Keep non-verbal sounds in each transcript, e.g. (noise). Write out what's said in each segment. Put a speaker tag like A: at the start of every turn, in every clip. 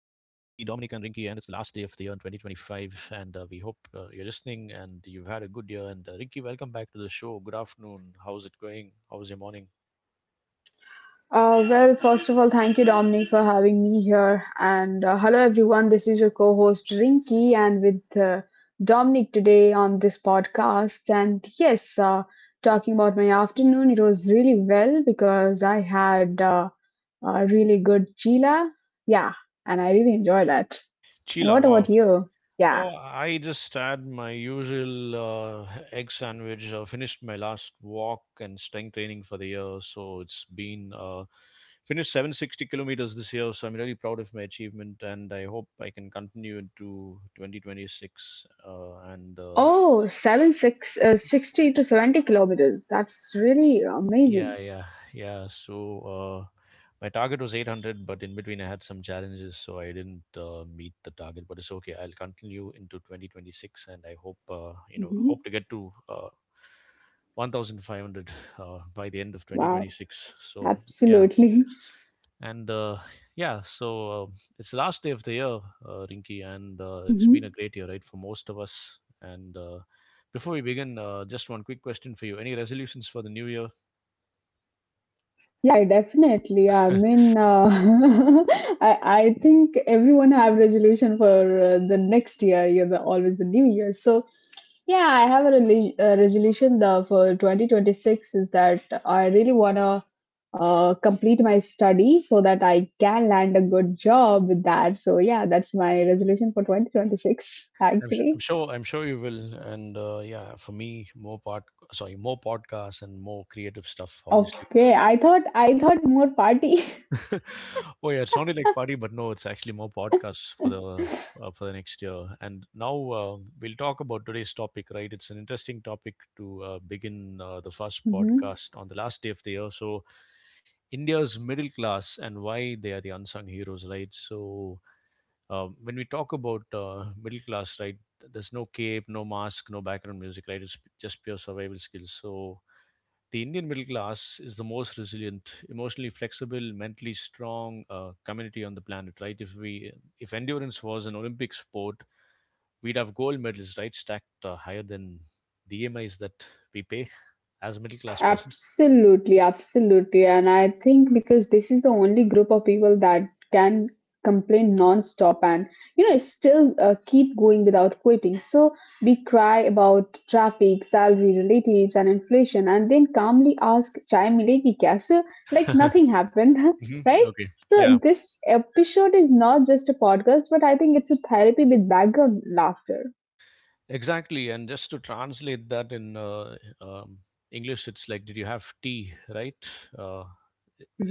A: Rinky. And it's the last day of the year in 2025. And we hope you're listening and you've had a good year. And Rinky, welcome back to the show. Good afternoon. How's it going? How was your morning?
B: Well, first of all, thank you, Dominic, for having me here. And hello, everyone. This is your co host, Rinky, and with Dominic today on this podcast. And yes, talking about my afternoon, it was really well because I had a really good chila. Yeah, and I really enjoyed that. And
A: Sheila,
B: what about
A: wow.
B: you? Yeah.
A: Oh, I just had my usual egg sandwich. Finished my last walk and strength training for the year, so it's been finished 760 kilometers this year. So I'm really proud of my achievement, and I hope I can continue into 2026. And
B: Oh, seven six 60 to 70 kilometers. That's really
A: Yeah,
B: amazing.
A: yeah, yeah. Uh, my target was 800, but in between I had some challenges, so I didn't meet the target. But it's okay. I'll continue into 2026, and I hope you know hope
B: Hmm.
A: to get to 1,500 by the end of
B: Wow,
A: 2026. So yeah,
B: absolutely.
A: and yeah, so It's the last day of the year, Rinky, and it's been a
B: (laughs)
A: great year, right, for most of us. And before we begin, just one quick question for you: any resolutions for the new year?
B: Yeah, definitely. I
A: (laughs)
B: mean, (laughs) I think everyone have resolution for the next year. You know, always the new year. So yeah, I have a resolution the for 2026 is that I really wanna complete my study so that I can land a good job with that. So yeah, that's my resolution for 2026. (laughs) Actually,
A: I'm sure you will, and yeah, for me, more pod sorry, more podcasts and more creative stuff, obviously.
B: okay.
A: So
B: I thought more party.
A: (laughs) oh yeah, it sounded like party, but no, it's actually more podcasts
B: (laughs)
A: for the next year. And now we'll talk about today's topic, right? It's an interesting topic to begin the first
B: Mhm.
A: podcast on the last day of the year. So India's middle class and why they are the unsung heroes, right? So when we talk about middle class, right, there's no cape, no mask, no background music, right? It's just pure survival skills. So the Indian middle class is the most resilient, emotionally flexible, mentally strong community on the planet, right? If endurance was an Olympic sport, we'd have gold medals, right, stacked higher than the EMIs that we pay as a middle class person.
B: Absolutely, absolutely. And I think because this is the only group of people that can complain non-stop and still keep going without quitting. So we cry about traffic, salary, relatives, and inflation, and then calmly ask, "Chai milegi kya?" So like nothing
A: (laughs)
B: happened, (laughs)
A: Mhm.
B: right?
A: Okay.
B: So
A: Yeah.
B: this episode is not just a podcast, but I think it's a therapy with background laughter.
A: Exactly, and just to translate that in English, it's like, did you have tea, right? Uh,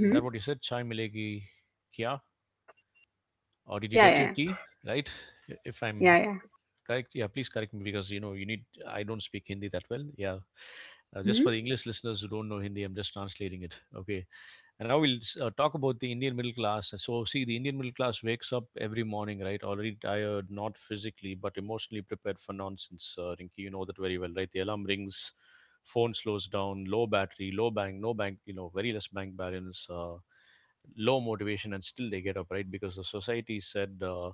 A: is that what you said? Chai milegi kya? Or did you
B: Yeah,
A: get your
B: yeah,
A: tea, right? If I'm
B: yeah, yeah.
A: correct, yeah, please correct me because you know you need. I don't speak Hindi that well. Yeah, just for
B: Hmm.
A: the English listeners who don't know Hindi, I'm just translating it. Okay, and now we'll talk about the Indian middle class. So, see, the Indian middle class wakes up every morning, right? Already tired, not physically, but emotionally prepared for nonsense. Rinky, you know that very well, right? The alarm rings, phone slows down, low battery, low bank, no bank, you know, very less bank balance, low motivation, and still they get up, right? Because the society said uh,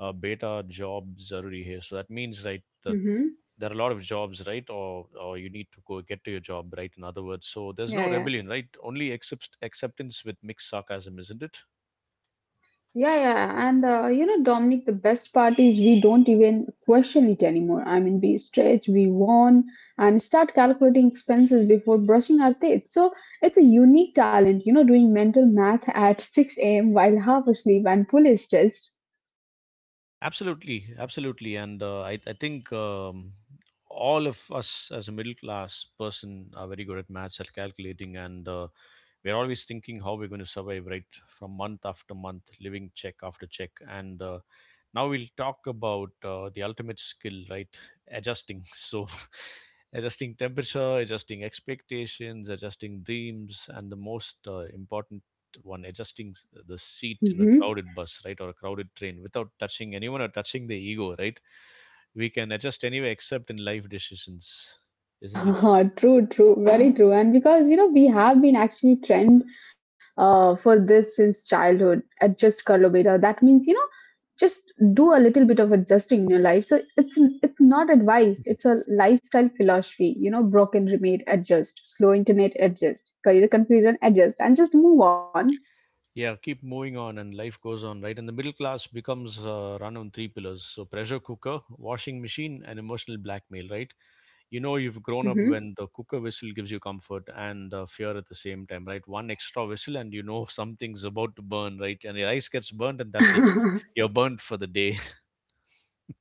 A: uh, beta jobs are here. So that means, right, the
B: Hmm.
A: there are a lot of jobs, right, or you need to go get to your job, right, in other words. So there's no
B: Yeah, yeah.
A: rebellion, right, only acceptance with mixed sarcasm, isn't it?
B: Yeah, yeah, and you know, Dominic, the best part is we don't even question it anymore. I mean, we stretch, we warn, and start calculating expenses before brushing our teeth. So it's a unique talent, you know, doing mental math at 6 a.m. while half asleep and fully stressed.
A: Absolutely, absolutely. And I think all of us as a middle class person are very good at maths, at calculating, and we're always thinking how we're going to survive, right, from month after month, living check after check. And now we'll talk about the ultimate skill, right? Adjusting. (laughs) So adjusting temperature, adjusting expectations, adjusting dreams, and the most important one, adjusting the seat in a crowded bus, right, or a crowded train without touching anyone or touching the ego, right? We can adjust anyway, except in life decisions, isn't it?
B: Mm-hmm. (laughs) True, true, very true. And because, you know, we have been actually trained for this since childhood at Just Carlo Beta. That means, you know, just do a little bit of adjusting in your life. So it's not advice, it's a lifestyle philosophy, you know. Broken, remade, adjust. Slow internet, adjust. Career confusion, adjust. And just move on.
A: Yeah, keep moving on, and life goes on, right? And the middle class becomes run on three pillars: so pressure cooker, washing machine, and emotional blackmail, right? You know you've grown up when the cooker whistle gives you comfort and fear at the same time, right? One extra whistle, and you know (laughs) something's about to burn, right? And your ice gets burnt, and that's it.
B: Hmm. (laughs)
A: You're burnt for the day.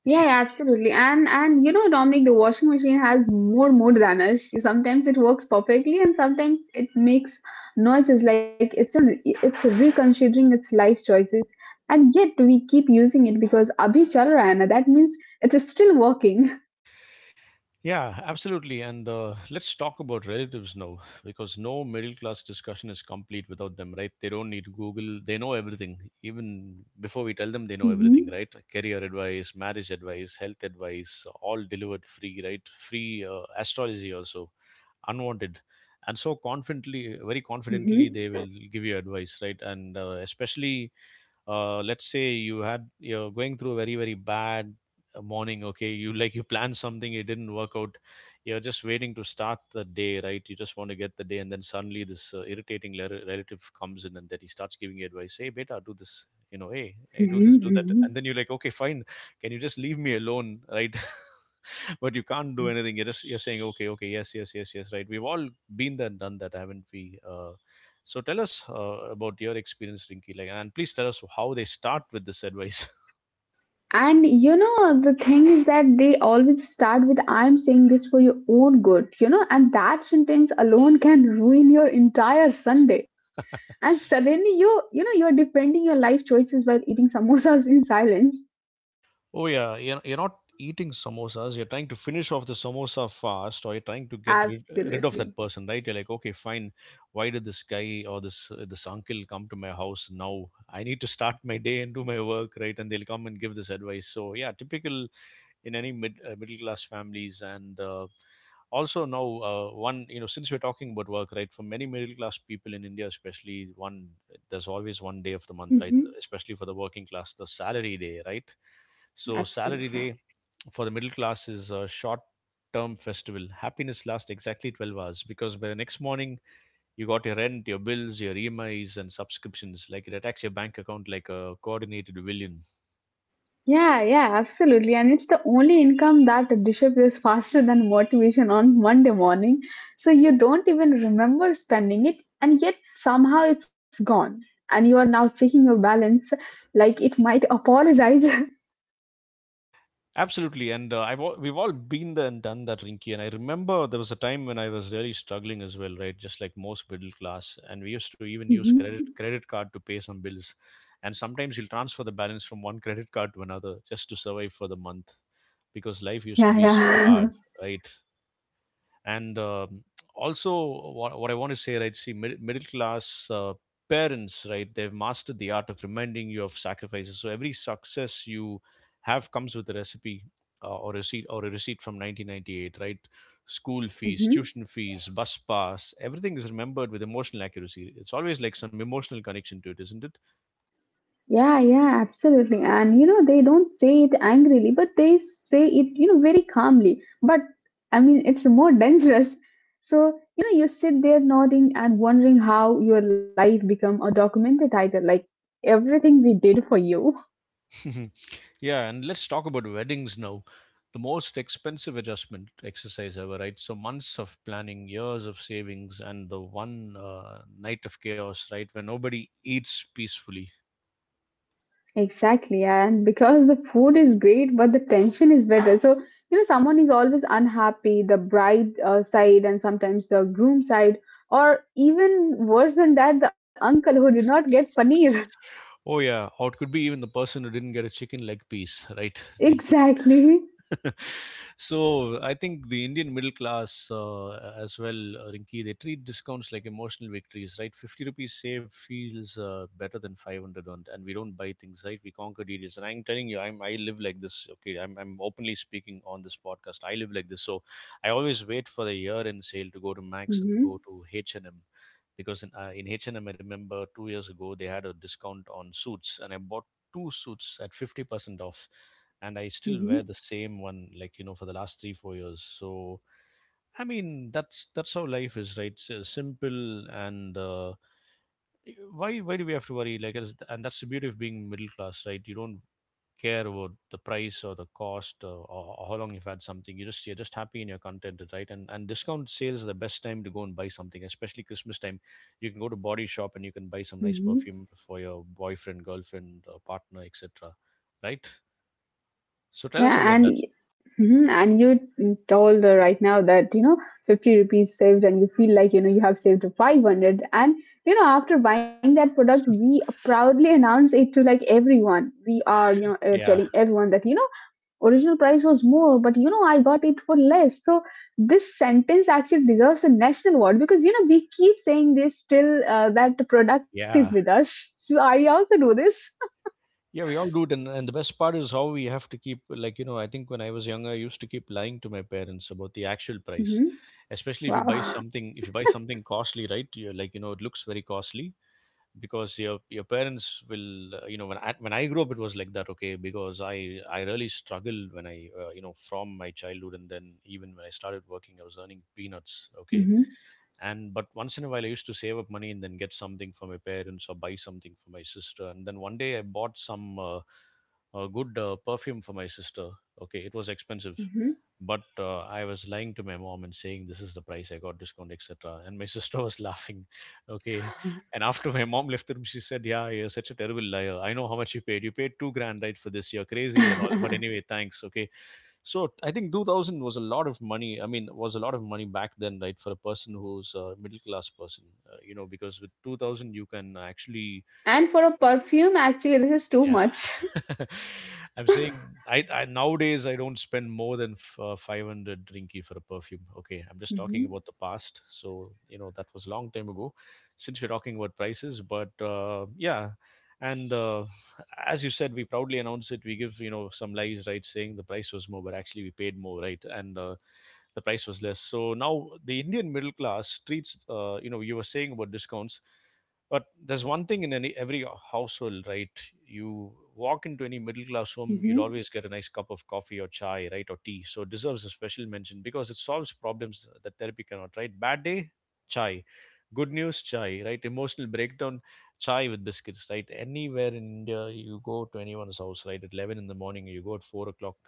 B: Yeah, absolutely. And you know, Dominic, the washing machine has more mode than us. Sometimes it works perfectly, and sometimes it makes noises like it's reconsidering its life choices. And yet we keep using it because abhi chal raha hai na. That means it is still working.
A: Yeah, absolutely. And let's talk about relatives now, because no middle class discussion is complete without them, right? They don't need Google. They know everything. Even before we tell them, they know everything, right?
B: (laughs)
A: Career advice, marriage advice, health advice, all delivered free, right? Free astrology also, unwanted, and so confidently, very confidently,
B: Mhm,
A: they will give you advice, right? And especially let's say you had, you're going through a very, very bad morning. Okay, you, like, you planned something, it didn't work out, you're just waiting to start the day, right? You just want to get the day, and then suddenly this irritating relative comes in and then he starts giving you advice. Hey beta, do this, you know, hey hey do
B: mhm,
A: this, do that, and
B: mhm,
A: then you're like, okay, fine, can you just leave me alone, right? (laughs) (laughs) But you can't do
B: mhm.
A: anything. You're just, you're saying, okay, okay, yes, yes, yes, yes, right. We've all been there, and done that, haven't we? So tell us about your experience, Rinky. Like, and please tell us how they start with this advice.
B: And you know, the thing is that they always start with, "I'm saying this for your own good," you know, and that sentence alone can ruin your entire Sunday. And suddenly you're defending your life choices while eating samosas in (laughs) silence.
A: Oh yeah, you're not eating samosas. You're trying to finish off the samosa fast, or you're trying to rid of
B: Absolutely.
A: that person, right? You're like, okay, fine. Why did this guy or this uncle come to my house now? I need to start my day and do my work, right? And they'll come and give this advice. So yeah, typical in any middle class families, and. Also now one, you know, since we're talking about work, right, for many middle class people in India, especially, one, there's always one day of the month, right,
B: Hmm.
A: especially for the working class, the salary day, right? So salary
B: Absolutely.
A: day for the middle class is a short term festival. Happiness lasts exactly 12 hours because by the next morning you got your rent, your bills, your EMIs and subscriptions, like it attacks your bank account like a coordinated villain.
B: Yeah, yeah, absolutely. And it's the only income that disappears faster than motivation on Monday morning. So you don't even remember spending it, and yet somehow it's gone. And you are now checking your balance like it might apologize. (laughs)
A: Absolutely, and we've all been there and done that, Rinky. And I remember there was a time when I was really struggling as well, right? Just like most middle class, and we used to even use
B: Mhm.
A: credit card to pay some bills, and sometimes you'll transfer the balance from one credit card to another just to survive for the month, because life used to
B: Yeah,
A: be so
B: yeah.
A: hard, right? And also what I want to say, right? See middle class parents, right, they've mastered the art of reminding you of sacrifices. So every success you have comes with a recipe or a receipt from 1998, right? School
B: (laughs)
A: fees,
B: Mhm.
A: tuition fees, bus pass, everything is remembered with emotional accuracy. It's always like some emotional connection to it, isn't it?
B: Yeah, yeah, absolutely. And you know, they don't say it angrily, but they say it, you know, very calmly. But I mean, it's more (laughs) dangerous. So, you know, you sit there nodding and wondering how your life become a documented title, like, "everything we did for you." (laughs)
A: (laughs) Yeah, and let's talk about weddings now. The most expensive adjustment exercise ever, right? So months of planning, years of savings, and the one night of chaos, right, where nobody eats peacefully.
B: Exactly. And because the food is great, but the tension is better. So, you know, someone is always unhappy, the bride side and sometimes the groom side, or even worse than that, the uncle who did not get paneer. (laughs)
A: Oh yeah, or it could be even the person who didn't get a chicken leg piece, right? They'll keep.
B: Exactly.
A: (laughs) So I think the Indian middle class as well, Rinki, they treat discounts like emotional victories, right? 50 rupees saved feels better than 500 earned, and we don't buy things, right? We conquer deals. And I'm telling you, I live like this, okay? I'm openly speaking on this podcast. I live like this. So I always wait for the year end sale to go to Max and to
B: Hmm.
A: go to H&M because in h and M, I remember 2 years ago they had a discount on suits, and I bought two suits at 50% off, and I still
B: Hmm.
A: wear the same one, like you know, for the last 3, 4 years. So I mean, that's how life is, right? So simple. And why do we have to worry, like and that's the beauty of being middle class, right? You don't care about the price or the cost, or how long you've had something. You just, you're just happy and you're contented, right? And discount sales are the best time to go and buy something, especially Christmas time. You can go to Body Shop and you can buy some nice
B: Hmm.
A: perfume for your boyfriend, girlfriend, or partner, etc., right? So tell us
B: Yeah,
A: about
B: and
A: that.
B: mhm, and you told right now that you know 50 rupees saved, and you feel like you know you have saved 500, and you know after buying that product, we proudly announce it to like everyone. We are,
A: Yeah,
B: telling everyone that you know original price was more, but you know I got it for less. So this sentence actually deserves a national award because you know we keep saying this till that the product is
A: yeah.
B: with us. (laughs) So I also do this.
A: Yeah, we all do it, and the best part is how we have to keep, like, you know. I think when I was younger, I used to keep lying to my parents about the actual price, especially if you buy
B: Wow.
A: something. If you buy something costly, right? You're like you know, it looks very costly because your parents will you know when I grew up, it was like that. Okay, because I really struggled when I you know from my childhood, and then even when I started working, I was earning peanuts. Okay,
B: Hmm.
A: and but once in a while I used to save up money and then get something for my parents or buy something for my sister. And then one day I bought some a good perfume for my sister. Okay, it was expensive,
B: Hmm.
A: but I was lying to my mom and saying, "This is the price, I got discount, etc." And my sister was (laughs) laughing. Okay. And after my mom left the room, she said, "Yeah, you're such a terrible liar. I know how much you paid. You paid 2 grand right for this. You're crazy and all. But anyway,
B: (laughs)
A: thanks. Okay." So I think 2000 was a lot of money. I mean, was a lot of money back then, right, for a person who's a middle class person. You know, because with 2000 you can actually
B: And for a perfume, actually, this is too
A: yeah.
B: much.
A: (laughs) I'm
B: (laughs)
A: saying I nowadays I don't spend more than 500 rinky for a perfume. Okay, I'm just talking
B: Hmm.
A: about the past. So, you know, that was long time ago since we're talking about prices, but yeah. And as you said, we proudly announce it. We give, you know, some lies, right, saying the price was more, but actually we paid more, right? And the price was less. So now the Indian middle class treats, you know, you were saying about discounts. But there's one thing in any, every household, right? You walk into any middle class home, you'll
B: Hmm.
A: always get a nice cup of coffee or chai, right, or tea. So it deserves a special mention because it solves problems that therapy cannot, right? Bad day, chai. Good news, chai, right? Emotional breakdown, chai with biscuits, right? Anywhere in India, you go to anyone's house, right? At 11 in the morning, you go at 4 o'clock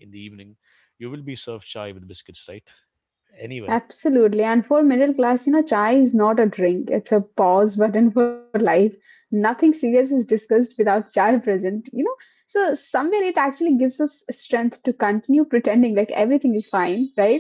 A: in the evening, you will be served chai with biscuits, right? Anywhere.
B: Absolutely. And for middle class, you know, chai is not a drink, it's a pause button for life. Nothing serious is discussed without chai present, you know. So, somewhere it actually gives us strength to continue pretending like everything is fine, right?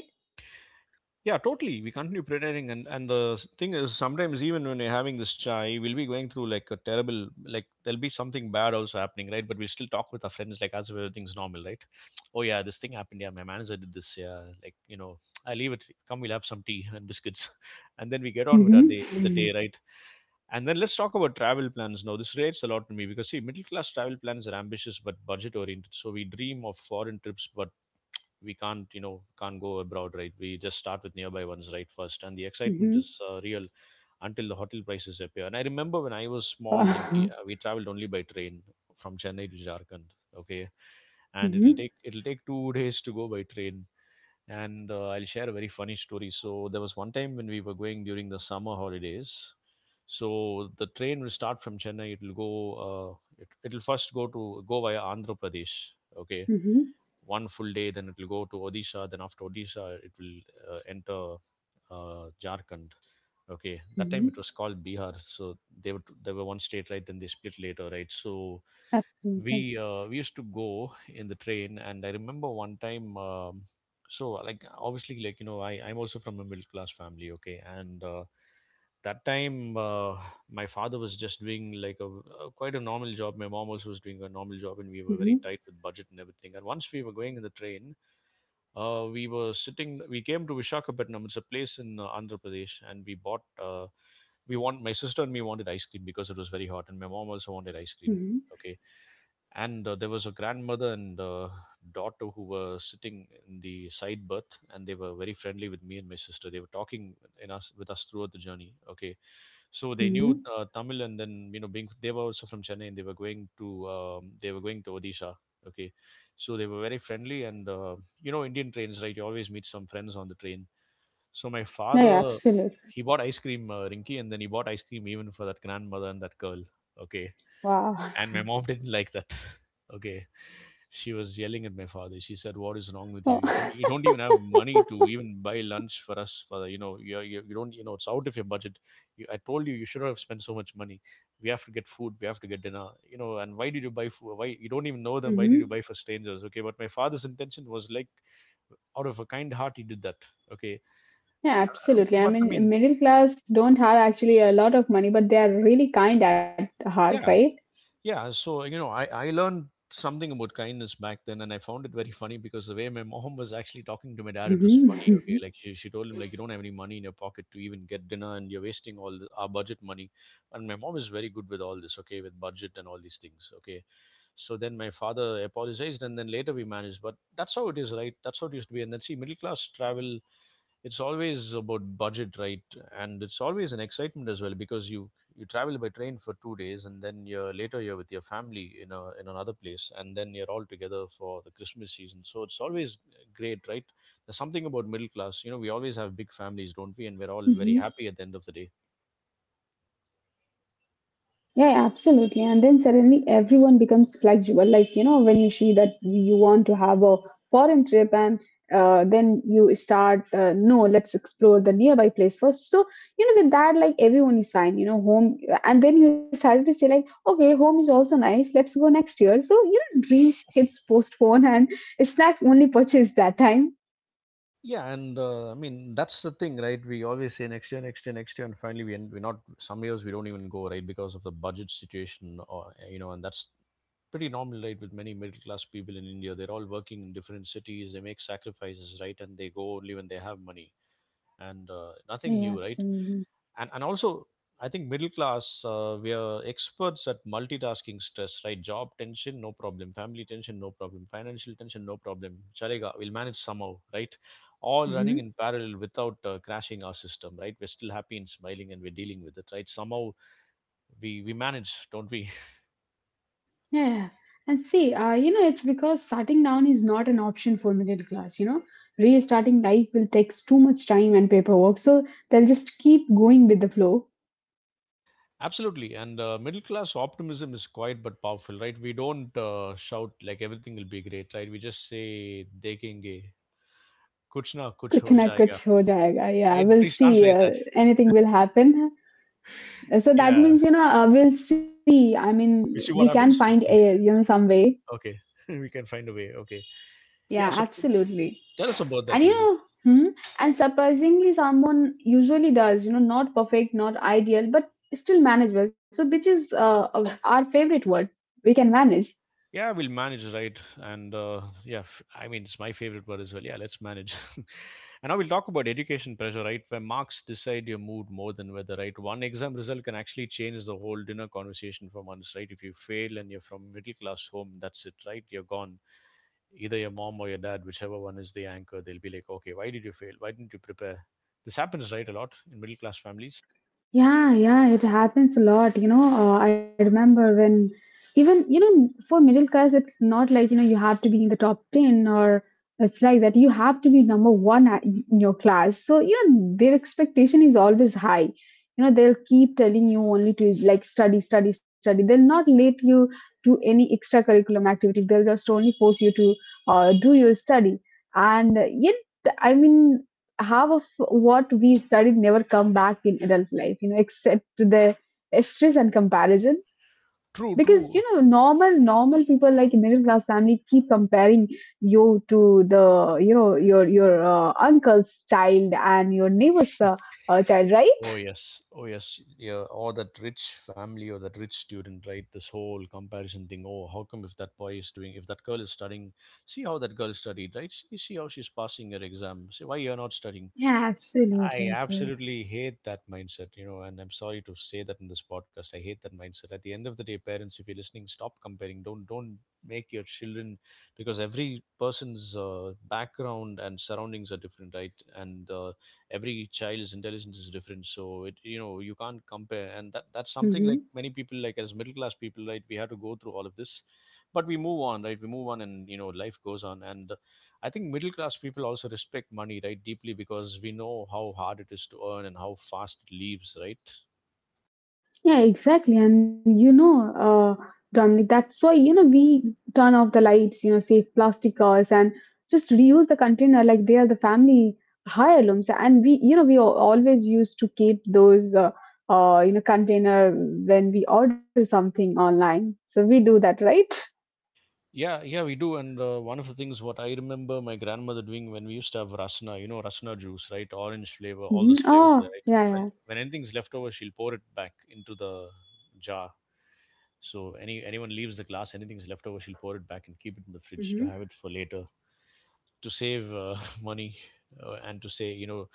A: Yeah, totally. We continue pretending, and and thing is, sometimes even when we're having this chai, we'll be going through like a terrible, like there'll be something bad also happening, right? But we still talk with our friends like as if everything's normal, right? (sniffs) (tsk) Oh yeah, this thing happened. Yeah, my manager did this. Yeah, like you know, (tsk) I leave it. Come, we'll have some tea and biscuits, (laughs) and then we get on with our day, with the
B: Mm-hmm.
A: day, right? And then let's talk about travel plans now. This relates a lot to me because see, middle class travel plans are ambitious but budget oriented. So we dream of foreign trips, but we can't you know can't go abroad right. We just start with nearby ones right first, and the excitement
B: Mm-hmm.
A: is real until the hotel prices appear. And I remember when I was
B: Oh,
A: small,
B: wow.
A: Rinky, we traveled only by train from Chennai to Jharkhand. Okay, and it'll
B: Mm-hmm.
A: take it'll take 2 (laughs) days to go by train. And I'll share a very funny story. So there was one time when we were going during the summer holidays. So the train will start from Chennai. It will go. It'll first go to go via Andhra Pradesh. Okay,
B: Mm-hmm.
A: one full day, then it will go to Odisha. Then after Odisha it will enter Jharkhand. Okay, that time
B: Mm-hmm.
A: it was called Bihar. So they were one state, right, then they split later, right. So
B: Absolutely.
A: we used to go in the train, and I remember one time so like obviously like you know I'm also from a middle class family. Okay, and that time my father was just doing like a quite a normal job, my mom also was doing a normal job, and we were very
B: Mm-hmm.
A: tight with budget and everything. And once we were going in the train, we were sitting. We came to Vishakhapatnam. It's a place in Andhra Pradesh, and we bought. We want My sister and me wanted ice cream because it was very hot, and my mom also wanted ice cream.
B: Mm-hmm.
A: Okay, and there was a grandmother and daughter who were sitting in the side berth, and they were very friendly with me and my sister. They were talking in us with us throughout the journey. Okay, so they knew
B: Mm-hmm.
A: Tamil, and then you know, being they were also from Chennai, and they were going to Odisha. Okay, so they were very friendly, and you know Indian trains, right? You always meet some friends on the train. So my
B: Yeah, yeah,
A: father,
B: absolutely.
A: he bought ice cream, Rinky, and then he bought ice cream even for that grandmother and that girl. Okay,
B: Wow.
A: and
B: (laughs)
A: my mom (laughs) didn't like that. (laughs) Okay, she was yelling at my father. She said, "What is wrong with you?
B: Well,
A: You don't even have money to even buy lunch for us. For the, you know, you don't, you know, it's out of your budget. You, I told you you should not have spent so much money. We have to get food. We have to get dinner. You know, and why did you buy food? Why you don't even know them? Why
B: hmm.
A: did you buy for strangers?" Okay, but my father's intention was like out of a kind heart he did that. Okay.
B: Yeah,
A: Uh,
B: absolutely. I
A: but i
B: mean,
A: mean
B: middle class don't have actually a lot of money, but they are really kind at heart, right?
A: yeah, yeah. So you know I learned something about kindness back then, and I found it very funny because the way my mom was actually talking to my dad, it was funny. Okay,
B: Hmm.
A: like she told him like, "You don't have any money in your pocket to even get dinner, and you're wasting all the, our budget money." And my mom is very good with all this, okay, with budget and all these things. Okay, so then my father apologized and then later we managed, but that's how it is, right? That's how it used to be. And then see middle class travel, it's always about budget, right? And it's always an excitement as well, because you travel by train for 2 days, and then you're later you're with your family in a in another place, and then you're all together for the Christmas season, so it's always great, right? There's something about middle class, you know, we always have big families, don't we, and we're all very
B: Hmm. (laughs)
A: happy at the end of the day.
B: Yeah, yeah, absolutely. And then suddenly everyone becomes flexible. Like, you know, when you see that you want to have a foreign trip and then you start, no, let's explore the nearby place first. So, you know, with that, like everyone is fine, you know, home. And then you started to say, like, okay, home is also nice. Let's go next year. So, you know, dreams gets postponed and snacks only purchased that time.
A: Yeah, and I mean that's the thing, right? We always say next year, next year, next year, and finally we end, we're not, some years we don't even go right because of the budget situation or you know. And that's pretty normal, right? With many middle class people in India, they're all working in different cities. They make sacrifices, right? And they go only when they have money, and nothing
B: Yeah,
A: new, right?
B: absolutely.
A: And also, I think middle class, we are experts at multitasking stress, right? Job tension, no problem. Family tension, no problem. Financial tension, no problem. Chalega, we'll manage somehow, right? All running
B: Mhm.
A: in parallel without crashing our system, right? We're still happy and smiling, and we're dealing with it, right? Somehow we manage, don't we? (laughs)
B: Yeah, and see, you know, it's because starting down is not an option for middle class. You know, restarting life will take too much time and paperwork, so they'll just keep going with the flow.
A: Absolutely. And middle class optimism is quiet but powerful, right? We don't shout like everything will be great, right? We just say, dekenge, kuch na kuch
B: Kuch
A: ho
B: na
A: jayega,
B: kuch ho jayega. Yeah,
A: right?
B: we'll
A: Please
B: see.
A: translate that.
B: Anything will happen. So that
A: Yeah.
B: means, you know, we'll see. I mean,
A: We
B: we
A: see what
B: can find
A: happens.
B: a, you know, some way.
A: Okay. (laughs) We can find a way. Okay. Yeah.
B: Yeah,
A: So
B: absolutely.
A: tell us about that,
B: And you
A: Rinki.
B: know, and surprisingly, someone usually does, you know, not perfect, not ideal, but still manageable. So, which is our favorite word. We can manage.
A: Yeah, we'll manage, right? And yeah, f- I mean, it's my favorite word as well. Yeah, let's manage. (laughs) And now we'll talk about education pressure, right? Where marks decide your mood more than weather, right? One exam result can actually change the whole dinner conversation for months, right? If you fail and you're from middle class home, that's it, right? You're gone. Either your mom or your dad, whichever one is the anchor, they'll be like, okay, why did you fail? Why didn't you prepare? This happens, right? A lot in middle class families.
B: Yeah, yeah, it happens a lot. You know, I remember when even, you know, for middle class, it's not like, you know, you have to be in the top 10 or it's like that. You have to be number one in your class. So, you know, their expectation is always high. You know, they'll keep telling you only to like study, study, study. They'll not let you do any extracurriculum activities. They'll just only force you to do your study. And yet, I mean, half of what we studied never come back in adult life, you know, except the stress and comparison.
A: True,
B: Because you know
A: true.
B: normal people like in middle class family keep comparing you to the, you know, your uncle's child and your neighbor's child, right?
A: Oh yes, oh yes, yeah. Or that rich family or that rich student, right? This whole comparison thing. Oh, how come if that boy is doing, if that girl is studying, see how that girl studied, right? See how she's passing her exam. See why you're not studying.
B: Yeah,
A: I
B: absolutely. Absolutely.
A: absolutely hate that mindset, you know, and I'm sorry to say that in this podcast. I hate that mindset. At the end of the day, parents, if you're listening, stop comparing. Don't make your children because every person's background and surroundings are different, right? And every child's intelligence is different. So it, you know, you can't compare. And that's something like
B: Mhm.
A: many people, like as middle class people, right? We have to go through all of this, but we move on, right? We move on, and you know, life goes on. And I think middle class people also respect money, right, deeply because we know how hard it is to earn and how fast it leaves, right?
B: Yeah, exactly. And you know, Dominic, that's why, you know, we turn off the lights, you know, save plastic cars and just reuse the container like they are the family heirlooms. And we always used to keep those, container when we order something online. So we do that, right?
A: Yeah, yeah, we do. And one of the things what I remember my grandmother doing when we used to have rasna, you know, rasna juice, right? Orange flavor, all
B: Mm-hmm.
A: those flavors
B: Oh,
A: there, right?
B: yeah, yeah.
A: When anything's left over, she'll pour it back into the jar. So anyone leaves the glass, anything's left over, she'll pour it back and keep it in the fridge to
B: Mm-hmm.
A: have it for later to save (laughs) money and to say, you know,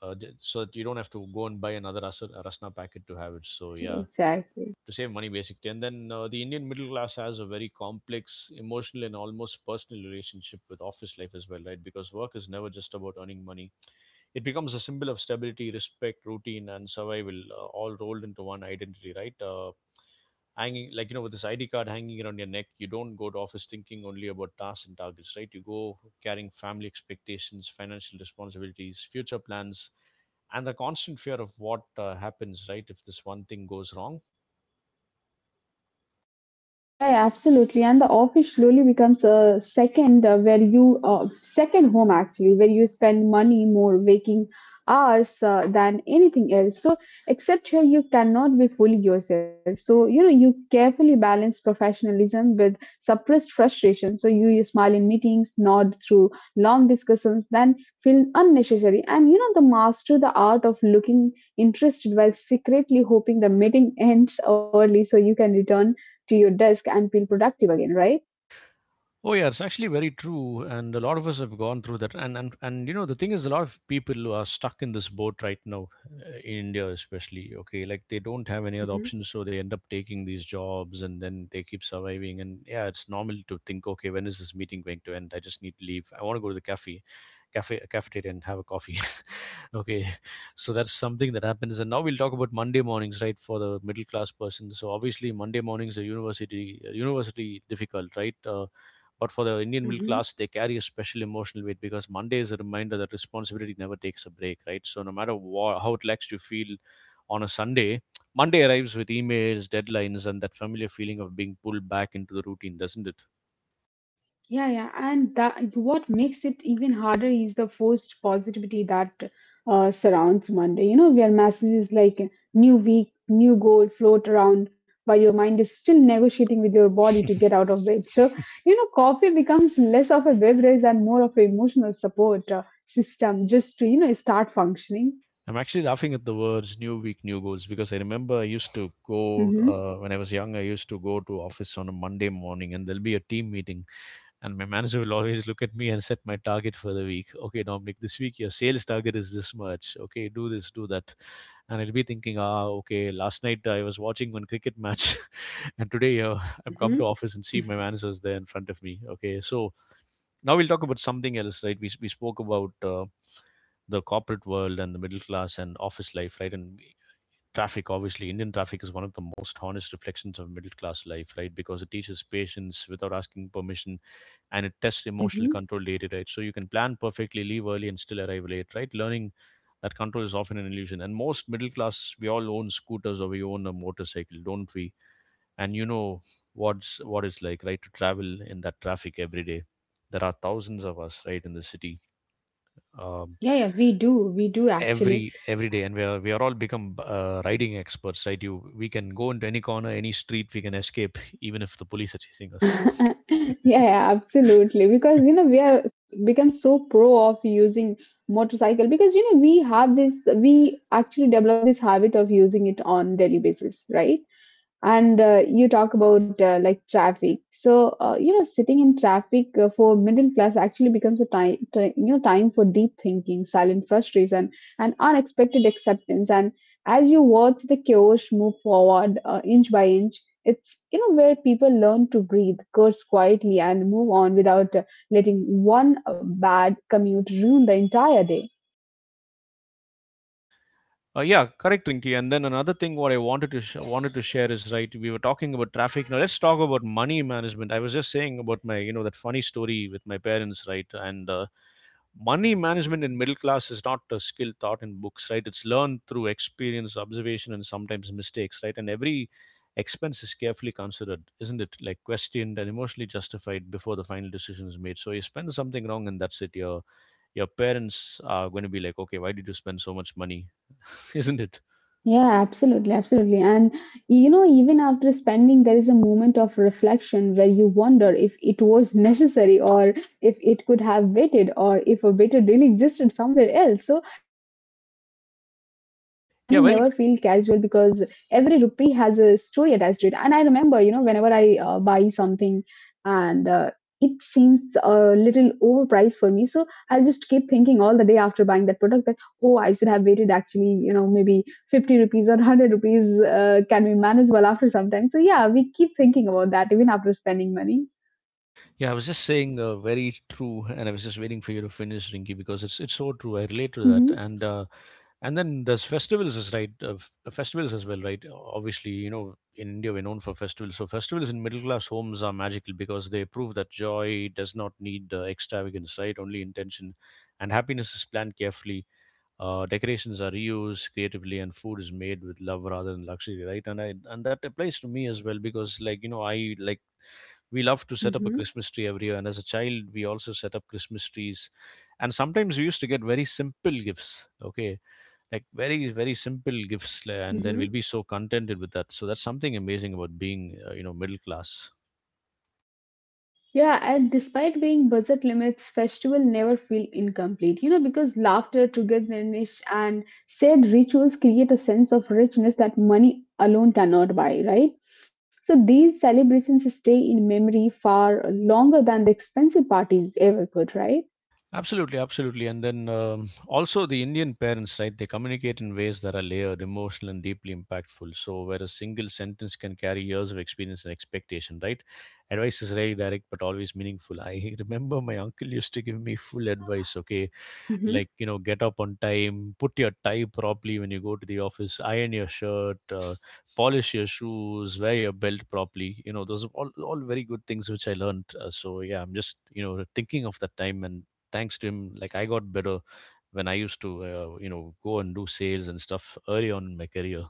A: so that you don't have to go and buy another rasna packet to have it. So yeah,
B: Exactly.
A: to save money basically. And then the Indian middle class has a very complex emotional and almost personal relationship with office life as well, right? Because work is never just about earning money. It becomes a symbol of stability, respect, routine, and survival, all rolled into one identity, right? Hanging like you know with this id card hanging around your neck, you don't go to office thinking only about tasks and targets, right? You go carrying family expectations, financial responsibilities, future plans, and the constant fear of what happens right if this one thing goes wrong.
B: Yeah, yeah, absolutely. And the office slowly becomes a second home, actually, where you spend money more waking hours than anything else. So except here, you cannot be fully yourself. So you know you carefully balance professionalism with suppressed frustration. So you smile in meetings, nod through long discussions, then feel unnecessary. And you know the master the art of looking interested while secretly hoping the meeting (laughs) ends early so you can return to your desk and feel productive again, right?
A: Oh yeah, it's actually very true, and a lot of us have gone through that. And you know the thing is, a lot of people who are stuck in this boat right now, in India especially. Okay, like they don't have any other
B: Hmm.
A: options, so they end up taking these jobs, and then they keep surviving. And yeah, it's normal to think, okay, when is this meeting going to end? I just need to leave. I want to go to the cafe, cafeteria and have a coffee. (laughs) Okay, so that's something that happens. And now we'll talk about Monday mornings, right, for the middle class person. So obviously Monday mornings are university, university difficult, right? But for the Indian middle
B: Hmm.
A: class, they carry a special emotional weight because Monday is a reminder that responsibility never takes a break, right? So no matter wha how relaxed you feel on a Sunday, Monday arrives with emails, deadlines, and that familiar feeling of being pulled back into the routine, doesn't it?
B: Yeah, yeah, and that what makes it even harder is the forced positivity that surrounds Monday. You know, where messages like "new week, new goal" float around, while your mind is still negotiating with your body to get out
A: (laughs)
B: of bed. So, you know, coffee becomes less of a beverage and more of an emotional support system, just to you know start functioning.
A: I'm actually laughing at the words "new week, new goals" because I remember I used to go
B: Hmm.
A: when I was young. I used to go to office on a Monday morning, and there'll be a team meeting. And my manager will always look at me and set my target for the week. Okay, Dominic, this week your sales target is this much. Okay, do this, do that. And I'll be thinking, ah, okay, last night I was watching one cricket match, (laughs) and today I'm come
B: Hmm.
A: to office and see my manager's there in front of me. Okay, so now we'll talk about something else, right? We spoke about the corporate world and the middle class and office life, right? And traffic, obviously, Indian traffic is one of the most honest reflections of middle class life, right? Because it teaches patience without asking permission and it tests emotional
B: Hmm.
A: control daily, right? So you can plan perfectly, leave early, and still arrive late, right? Learning that control is often an illusion. And most middle class, we all own scooters or we own a motorcycle, don't we? And you know what it's like, right? To travel in that traffic every day. There are thousands of us, right, in the city. Um,
B: Yeah, yeah, we do. We do actually.
A: every day, and we are all become riding experts, right? You we can go into any corner, any street, we can escape even if the police are
B: (laughs)
A: chasing us.
B: Yeah,
A: (laughs)
B: yeah, absolutely. Because you know we are become so pro of using motorcycle, because you know we have this, we actually develop this habit of using it on daily basis, right? And you talk about like traffic. So you know sitting in traffic for middle class actually becomes a time ti- you know time for deep thinking, silent frustration, and unexpected acceptance. And as you watch the chaos move forward inch by inch, it's, you know, where people learn to breathe, curse quietly, and move on without letting one bad commute ruin the entire day,
A: Yeah, correct, Rinky. And
B: right?
A: then another thing, what I wanted to share is right. We were talking about traffic. Now let's talk about money management. I was just saying about my, you know, that funny story with my parents, right? And money management in middle class is not a skill taught in books, right? It's learned through experience, observation, and sometimes mistakes, right? And every expense is carefully considered, isn't it? Like questioned and emotionally justified before the final decision is made. So you spend something wrong and that's it, your parents are going to be like, okay, why did you spend so much money? (laughs) Isn't it?
B: Yeah, absolutely, absolutely. And you know, even after spending, there is a moment of reflection where you wonder if it was (laughs) necessary, or if it could have waited, or if a better deal existed somewhere else. So, you know, spending money never feel casual
A: Yeah,
B: because
A: very.
B: every rupee has a story attached to it. And I remember, you know, whenever I buy something and it seems a little overpriced for me, so I'll just keep thinking all the day after buying that product that, oh, I should have waited actually, you know, maybe 50 rupees or 100 rupees can be manageable after some time. So yeah, we keep thinking about that even after spending money.
A: Yeah, I was just saying, very true, and I was just waiting for you to finish, Rinky, because it's so true, I relate to that.
B: Hmm.
A: And and then there's festivals is right, festivals as well, right? Obviously, you know, in India we're known for festivals. So festivals in middle class homes are magical because they prove that joy does not need extravagance, right? Only intention, and happiness is planned carefully. Decorations are reused creatively, and food is made with love rather than luxury, right? And that applies to me as well because, like you know, I like we love to set up a
B: Mm-hmm.
A: Christmas tree every year, and as a child we also set up Christmas trees, and sometimes we used to get very simple gifts, okay, like very simple and then we'll
B: Mm-hmm.
A: be so contented with that. So that's something amazing about being, you know, middle class.
B: Yeah, and despite being budget limits, festival never feel incomplete. You know, because laughter, togetherness, and said rituals create a sense of richness that money alone cannot buy, right? So these celebrations stay in memory far longer than the expensive parties ever could, right?
A: Absolutely, absolutely. And then, also the Indian parents, right, they communicate in ways that are layered, emotional, and deeply impactful, so where a single sentence can carry years of experience and expectation, right? Advice is rarely direct but always meaningful. I (laughs) remember my uncle used to give me full advice, okay, like you know, get up on time, put your tie properly when you go to the office, iron your shirt, polish your shoes, wear your belt properly. You know, those are all very good things which I learned. So yeah, I'm just, you know, thinking of that time, and thanks to him, like, I got better when I used to, you know, go and do sales and stuff early on in my career.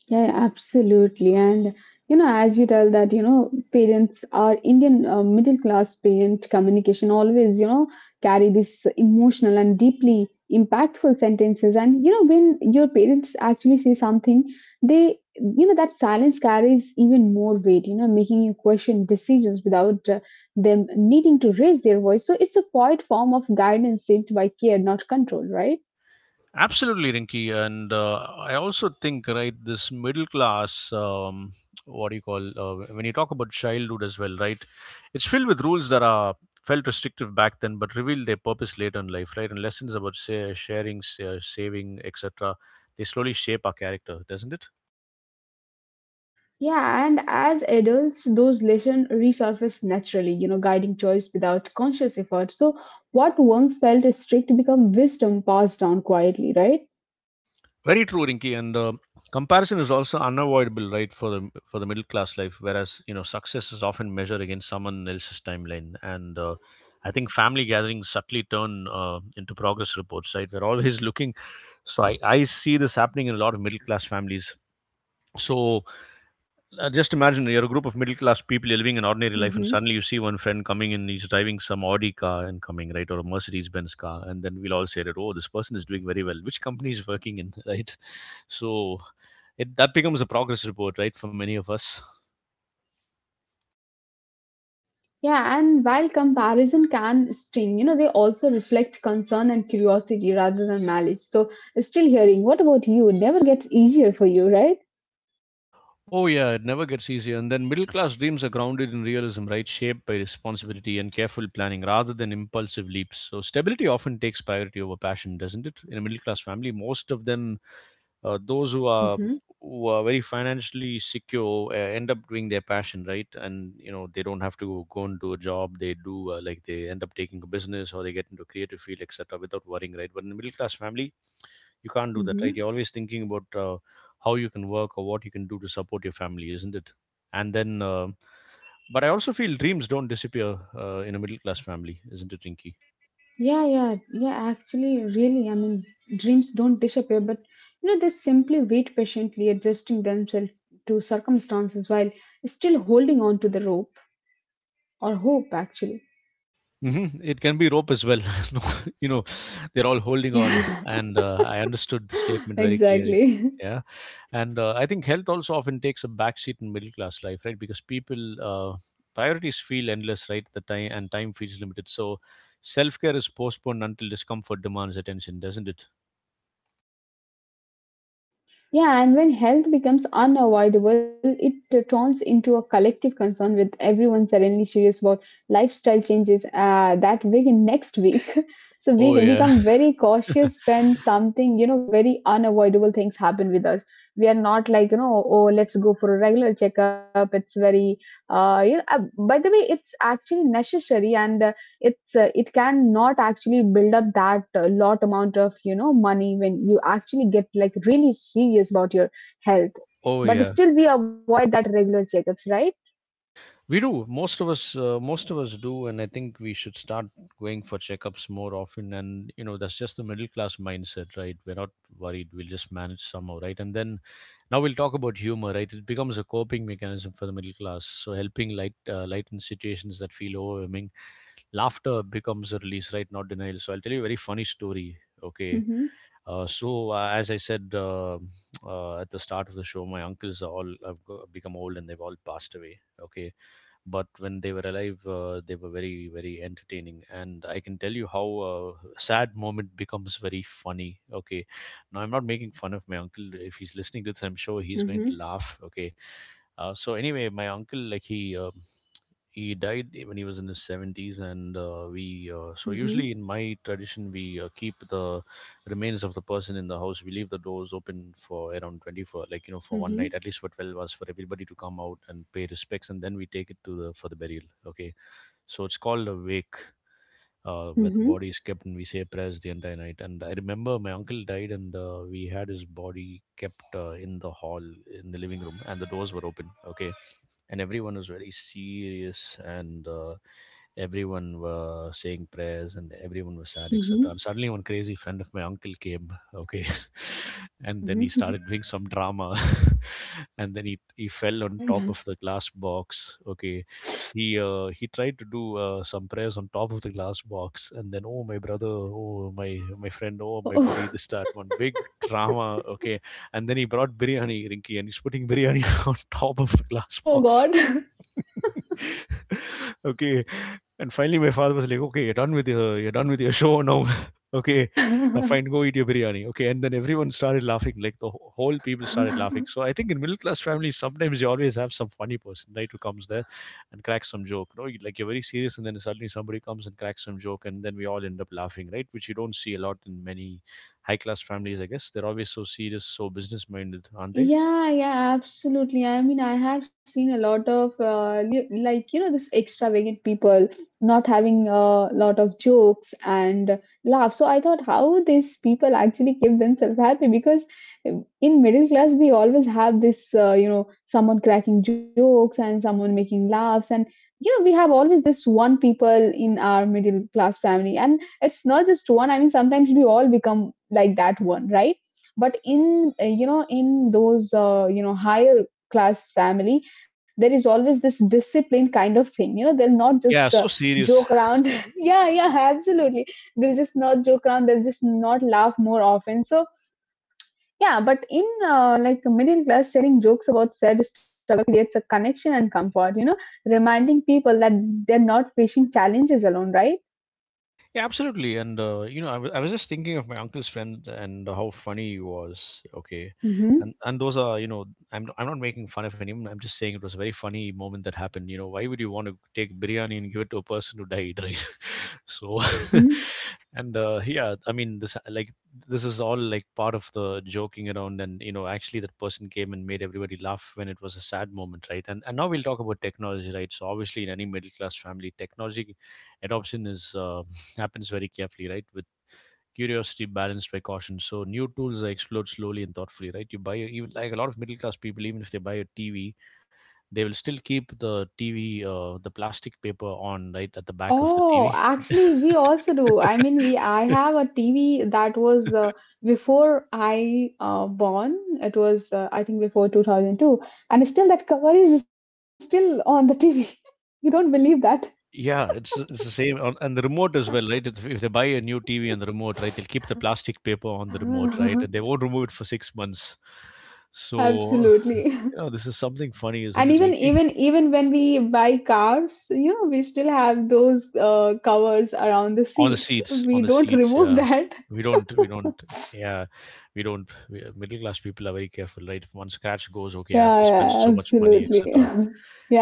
B: Yeah, yeah, absolutely. And you know, as you tell that, you know, parents are Indian middle class parent communication always, you know, carry this emotional and deeply impactful sentences. And you know, when your parents actually say something, they, you know, that silence carries even more weight. You know, making you question decisions without them needing to raise their voice. So it's a quiet form of guidance shaped by care, not control, right?
A: Absolutely, Rinky, and I also think right this middle class. What do you call, when you talk about childhood as well, right? It's filled with rules that are felt restrictive back then, but reveal their purpose later in life, right? And lessons about say, sharing, saving, etc. They slowly shape our character, doesn't it?
B: Yeah, and as adults, those lessons resurface naturally, you know, guiding choice without conscious effort. So, what once felt strict become wisdom passed down quietly, right?
A: Very true, Rinki, and the comparison is also unavoidable, right, for the middle class life. Whereas you know, success is often measured against someone else's timeline, and I think family gatherings subtly turn into progress reports, right? We're always (laughs) looking. So I see this happening in a lot of middle class families. So, just imagine you're a group of middle class people, you're living an ordinary life, and
B: Hmm.
A: suddenly you see one friend coming in, he's driving some Audi car and coming, right, or a Mercedes Benz car. And then we'll all say that, oh, this person is doing very well. Which company is working in, (laughs) right? So it, that becomes a progress report, right, for many of us.
B: Yeah, and while comparison can sting, you know, they also reflect concern and curiosity rather than malice. So, still hearing, what about you? It never gets easier for you, right?
A: Oh, yeah, it never gets easier. And then middle class dreams are grounded in realism, right? Shaped by responsibility and careful planning rather than impulsive leaps. So, stability often takes priority over passion, doesn't it? In a middle class family, most of them, those
B: Mm-hmm.
A: who are very financially secure end up doing their passion, right? And you know, they don't have to go and do a job. They do, like they end up taking a business or they get into a creative field, etc. without worrying, right? But in a middle class family, you can't do that, right?
B: Mm-hmm.
A: You're always thinking about how you can work or what you can do to support your family, isn't it? And then but I also feel dreams don't disappear, in a middle class family, isn't it, Rinky?
B: Yeah. Actually, really, I mean, dreams don't disappear, but you know, they simply wait patiently, adjusting themselves to circumstances while still holding on to the rope or hope, actually.
A: Hmm, it can be rope as well. (laughs) No, you know, they're all holding on.
B: Yeah. (laughs)
A: And I understood the
B: (laughs)
A: statement very clearly.
B: exactly.
A: Yeah, and I think health also often takes a backseat in middle class life, right? Because people, uh, priorities feel endless, right? The time and time feels limited. So self-care is postponed until discomfort demands attention, doesn't it?
B: Yeah, and when health becomes unavoidable, it turns into a collective concern with everyone suddenly serious about lifestyle changes that week and next week. (laughs) So
A: Oh
B: we
A: yeah.
B: become very
A: (laughs)
B: cautious when something, you know, very unavoidable things happen with us. We are not like, you know, oh, let's go for a regular checkup. It's very, uh, you know, uh, by the way, it's actually necessary and it can not actually build up that lot amount of you know money when you actually get like really serious about your health,
A: Oh yeah.
B: but still we avoid that regular checkups, right?
A: We do. Most of us, most of us do, and I think we should start going for checkups more often. And you know, that's just the middle class mindset, right? We're not worried. We'll just manage somehow, right? And then now we'll talk about humor, right? It becomes a coping mechanism for the middle class, so helping lighten situations that feel overwhelming. Laughter becomes a release, right? Not denial. So I'll tell you a very funny story. Okay.
B: Mm-hmm.
A: As I said, at the start of the show, my uncles are all have go- become old and they've all passed away. Okay, but when they were alive, they were very, very entertaining, and I can tell you how sad moment becomes very funny. Okay, now I'm not making fun of my uncle. If he's listening to this, I'm sure he's going
B: Mm-hmm.
A: to laugh. Okay, so anyway, my uncle, like he he died when he was in his 70s, and we so
B: Mm-hmm.
A: usually in my tradition, we keep the remains of the person in the house. We leave the doors open for around 24, like you know, for one night,
B: Mm-hmm.
A: at least for 12 hours, for everybody to come out and pay respects, and then we take it to the for the burial, okay? So it's called a wake, where the
B: Mm-hmm.
A: body is kept and we say prayers the entire night. And I remember my uncle died, and we had his body kept in the hall, in the living room, and the doors were open, okay? And everyone was very serious, and everyone were saying prayers and everyone was sad,
B: Mm-hmm.
A: etc. And suddenly one crazy friend of my uncle came, okay? (laughs) And then he
B: Mm-hmm.
A: started doing some drama (laughs) and then he fell on top
B: Mm-hmm.
A: of the glass box, okay? He he tried to do some prayers on top of the glass box. And then, "Oh, my brother, oh, my friend, oh,
B: (laughs)
A: my buddy,"
B: Oh,
A: this that, one big drama, okay? And then he brought biryani, Rinky, and he's putting biryani (laughs) on top of the glass
B: oh
A: box. (laughs) Okay. And finally, my father was like, "Okay, you're done with your show now. (laughs) Okay, now
B: God.
A: fine, go eat your biryani." Okay, and then everyone started laughing. Like the whole people started laughing.
B: (laughs)
A: So I think in middle class families, sometimes you always have some funny person, right, who comes there and cracks some joke. No, like you're very serious, and then suddenly somebody comes and cracks some joke, and then we all end up laughing, right? Which you don't see a lot in many high class families, I guess. They're always so serious, so business minded, aren't they?
B: Yeah, yeah, absolutely. I mean, I have seen a lot of like you know this extravagant people not having a lot of jokes and laugh. So I thought how these people actually keep themselves happy because in middle class we always have this you know someone cracking jokes and someone making laughs and you know we have always this one people in our middle class family, and it's not just one. I mean, sometimes we all become like that one, right? But in you know in those you know higher class family there is always this discipline kind of thing, you know they'll not just
A: Yeah, so
B: joke
A: serious.
B: around.
A: (laughs)
B: (laughs) Yeah, yeah, absolutely. They'll just not joke around, they'll just not laugh more often. So yeah, but in like a middle class, sharing jokes about said struggle creates a connection and comfort, you know, reminding people that they're not facing challenges alone, right?
A: Yeah, absolutely. And you know, I was just thinking of my uncle's friend and how funny he was. Okay,
B: Mm-hmm.
A: and those are you know, I'm not making fun of anyone. I'm just saying it was a very funny moment that happened. You know, why would you want to take biryani and give it to a person who died, right? (laughs) So, (laughs)
B: Mm-hmm.
A: and yeah, I mean, this is all like part of the joking around, and you know, actually that person came and made everybody laugh when it was a sad moment, right? And now we'll talk about technology, right? So obviously, in any middle class family, technology adoption is happens very carefully, right? With curiosity balanced by caution. So new tools are explored slowly and thoughtfully, right? You even like a lot of middle class people, even if they buy a TV, they will still keep the TV, the plastic paper on, right, at the back of the
B: Oh,
A: TV.
B: actually, we also do. I mean, we I
A: (laughs)
B: have a TV that was before I born. It was I think before 2002, and still that cover is still on the TV. (laughs) You don't believe that?
A: Yeah, it's the same, and the remote as well, right? If they buy a new TV and the remote, right, they'll keep the plastic paper on the remote, right,
B: (laughs)
A: and they won't remove it for 6 months. So,
B: Absolutely.
A: you
B: (laughs)
A: know, this is something funny, isn't
B: And
A: it,
B: even
A: Rinky?
B: even even when we buy cars, you know, we still have those covers around the
A: On the
B: seats.
A: seats, on
B: We
A: the
B: don't
A: seats,
B: remove
A: yeah.
B: that. (laughs)
A: We don't. Yeah, we don't we, middle class people are very careful, right? If one scratch goes, okay, I have
B: Yeah,
A: to spend so
B: yeah,
A: much money,
B: absolutely. (laughs)
A: etc.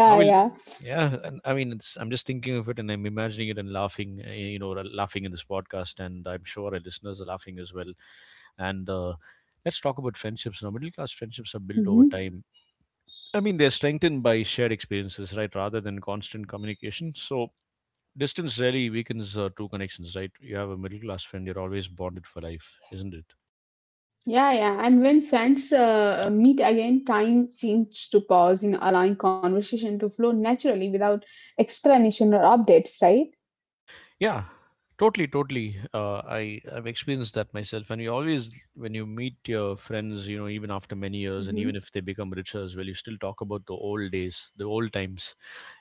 A: Now we'll,
B: yeah.
A: yeah, and I mean, it's, I'm just thinking of it and I'm imagining it and laughing, eh, you know, laughing in this podcast, and I'm sure our listeners are laughing as well. And let's talk about friendships now. Middle class friendships are built over
B: Mhm.
A: time. I mean, they're strengthened by shared experiences, right, rather than constant communication. So distance rarely weakens true connections, right? You have a middle class friend, you're always bonded for life, isn't it?
B: Yeah, yeah. And when friends meet again, time seems to pause in allowing conversation to flow naturally without explanation or updates, right?
A: Yeah, totally, totally. I've experienced that myself, and you always, when you meet your friends, you know, even after many years, and
B: Mm-hmm.
A: even if they become richer as well, you still talk about the old days, the old times.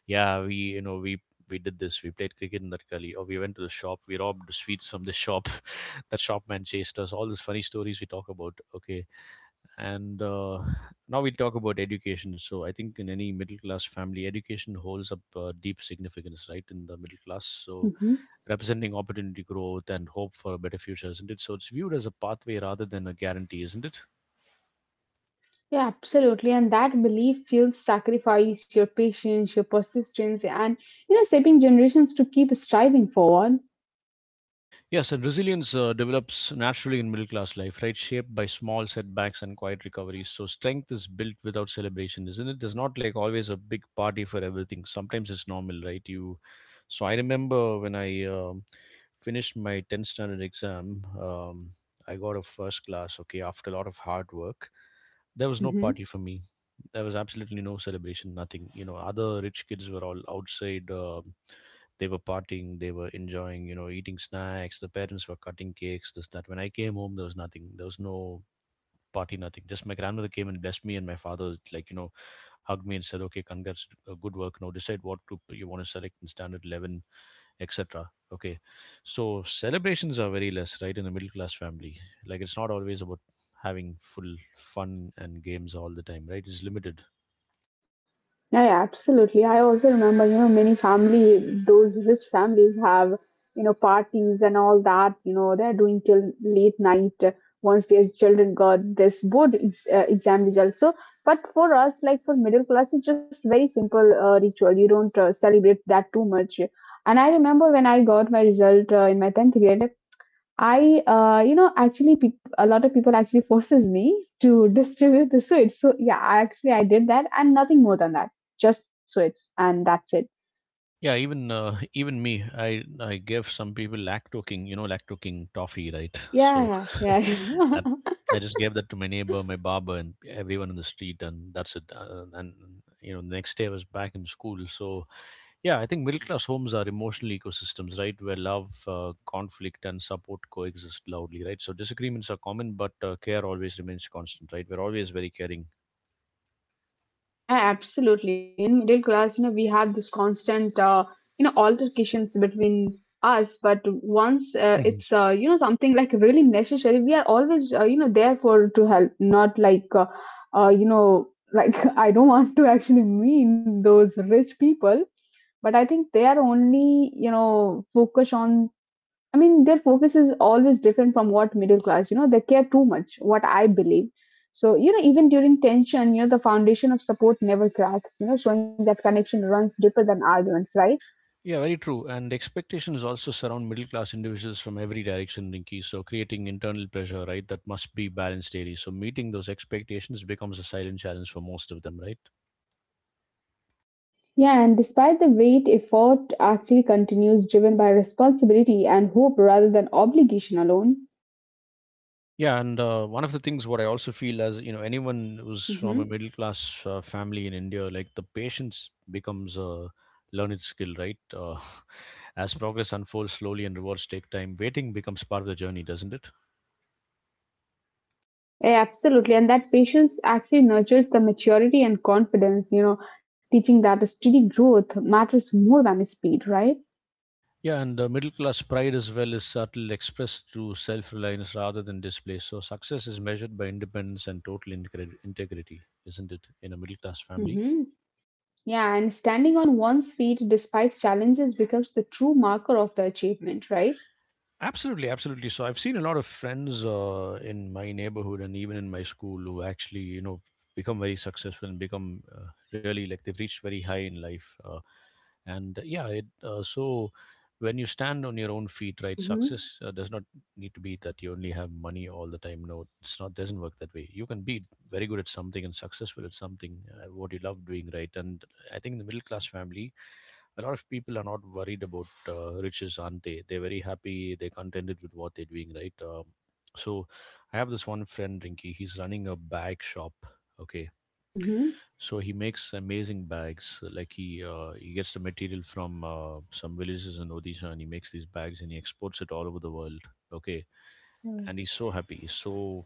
A: Yeah, we, you know, we did this. We played cricket in that gully, or we went to the shop. We robbed sweets from the shop. (laughs) That shopman chased us. All these funny stories we talk about. Okay, and now we talk about education. So I think in any middle class family, education holds up deep significance, right? In the middle class, so
B: Mm-hmm.
A: representing opportunity, growth, and hope for a better future, isn't it? So it's viewed as a pathway rather than a guarantee, isn't it?
B: Yeah, absolutely. And that belief fuels sacrifice, your patience, your persistence, and you know, shaping generations to keep striving forward.
A: Yes, and resilience develops naturally in middle class life, right? Shaped by small setbacks and quiet recoveries. So strength is built without celebration, isn't it? There's not like always a big party for everything. Sometimes it's normal, right? You. So I remember when I finished my 10th standard exam, I got a first class. Okay, after a lot of hard work, there was no party for me. There was absolutely no celebration, nothing. You know, other rich kids were all outside. They were partying, they were enjoying, you know, eating snacks. The parents were cutting cakes, this that. When I came home, there was nothing. There was no party, nothing. Just my grandmother came and blessed me, and my father was like, you know, hugged me and said, "Okay, congrats, good work. Now decide what group you want to select in standard 11," etc. Okay, so celebrations are very less, right, in a middle class family. Like it's not always about having full fun and games all the time, right? It's limited.
B: Yeah, yeah, absolutely. I also remember, you know, many family, those rich families have, you know, parties and all that, you know, they're doing till late night once their children got this exam results. So, but for us, like for middle class, it's just very simple ritual. You don't celebrate that too much. And I remember when I got my result in my 10th grade, I, actually, peop a lot of people actually forces me to distribute the sweets. So yeah, I actually I did that and nothing more than that. Just sweets and that's it.
A: Yeah, even (laughs) even me, I give some people lacto king, you know, lacto king toffee, right? (laughs) So
B: Yeah, yeah,
A: (laughs)
B: yeah.
A: that I just gave that to my neighbor, my barber, and everyone in the street, and that's it. And you know, the next day I was back in school. So yeah, I think middle class homes are emotional ecosystems, right, where love, conflict, and support coexist loudly, right? So disagreements are common, but care always remains constant, right? We're always very caring.
B: Yeah, absolutely. In middle class, you know, we have this constant, you know, altercations between us. But once
A: (laughs)
B: it's, you know, something like really necessary, we are always, you know, there for to help. Not like, you know, like (laughs) I don't want to actually mean those rich people, but I think they are only, you know, focus on I mean, their focus is always different from what middle class, you know, they care too much, what I believe. So, you know, even during tension, you know, the foundation of support never cracks, you know, showing that connection runs deeper than arguments, right?
A: Yeah, very true. And expectations also surround middle class individuals from every direction, Rinki. So creating internal pressure, right, that must be balanced daily. So meeting those expectations becomes a silent challenge for most of them, right?
B: Yeah, and despite the weight, effort actually continues driven by responsibility and hope rather than obligation alone.
A: Yeah, and one of the things what I also feel, as you know, anyone who's from a
B: Hmm.
A: middle class family in India, like the patience becomes a learned skill, right? (laughs) As progress unfolds slowly and rewards take time, waiting becomes part of the journey, doesn't it?
B: Yeah, absolutely. And that patience actually nurtures the maturity and confidence, you know, teaching that a steady growth matters more than speed, right?
A: Yeah, and middle class pride as well is subtle, expressed through self reliance rather than display. So success is measured by independence and total integrity, isn't it, in a middle class family?
B: Hmm. Yeah, and standing on one's feet despite challenges becomes the true marker of the achievement, right?
A: Absolutely, absolutely. So I've seen a lot of friends in my neighborhood and even in my school who actually, you know, become very successful and become really like they've reached very high in life. And yeah, so when you stand on your own feet, right,
B: Mm-hmm.
A: success does not need to be that you only have money all the time. No, it's not. Doesn't work that way. You can be very good at something and successful at something, what you love doing, right? And I think the middle class family, a lot of people are not worried about riches, aren't they? They're very happy. They're contented with what they're doing, right? So I have this one friend, Rinky. He's running a bag shop. Okay,
B: Mm-hmm.
A: so he makes amazing bags. Like he gets the material from some villages in Odisha, and he makes these bags and he exports it all over the world. Okay,
B: Mm.
A: and he's so happy. He's so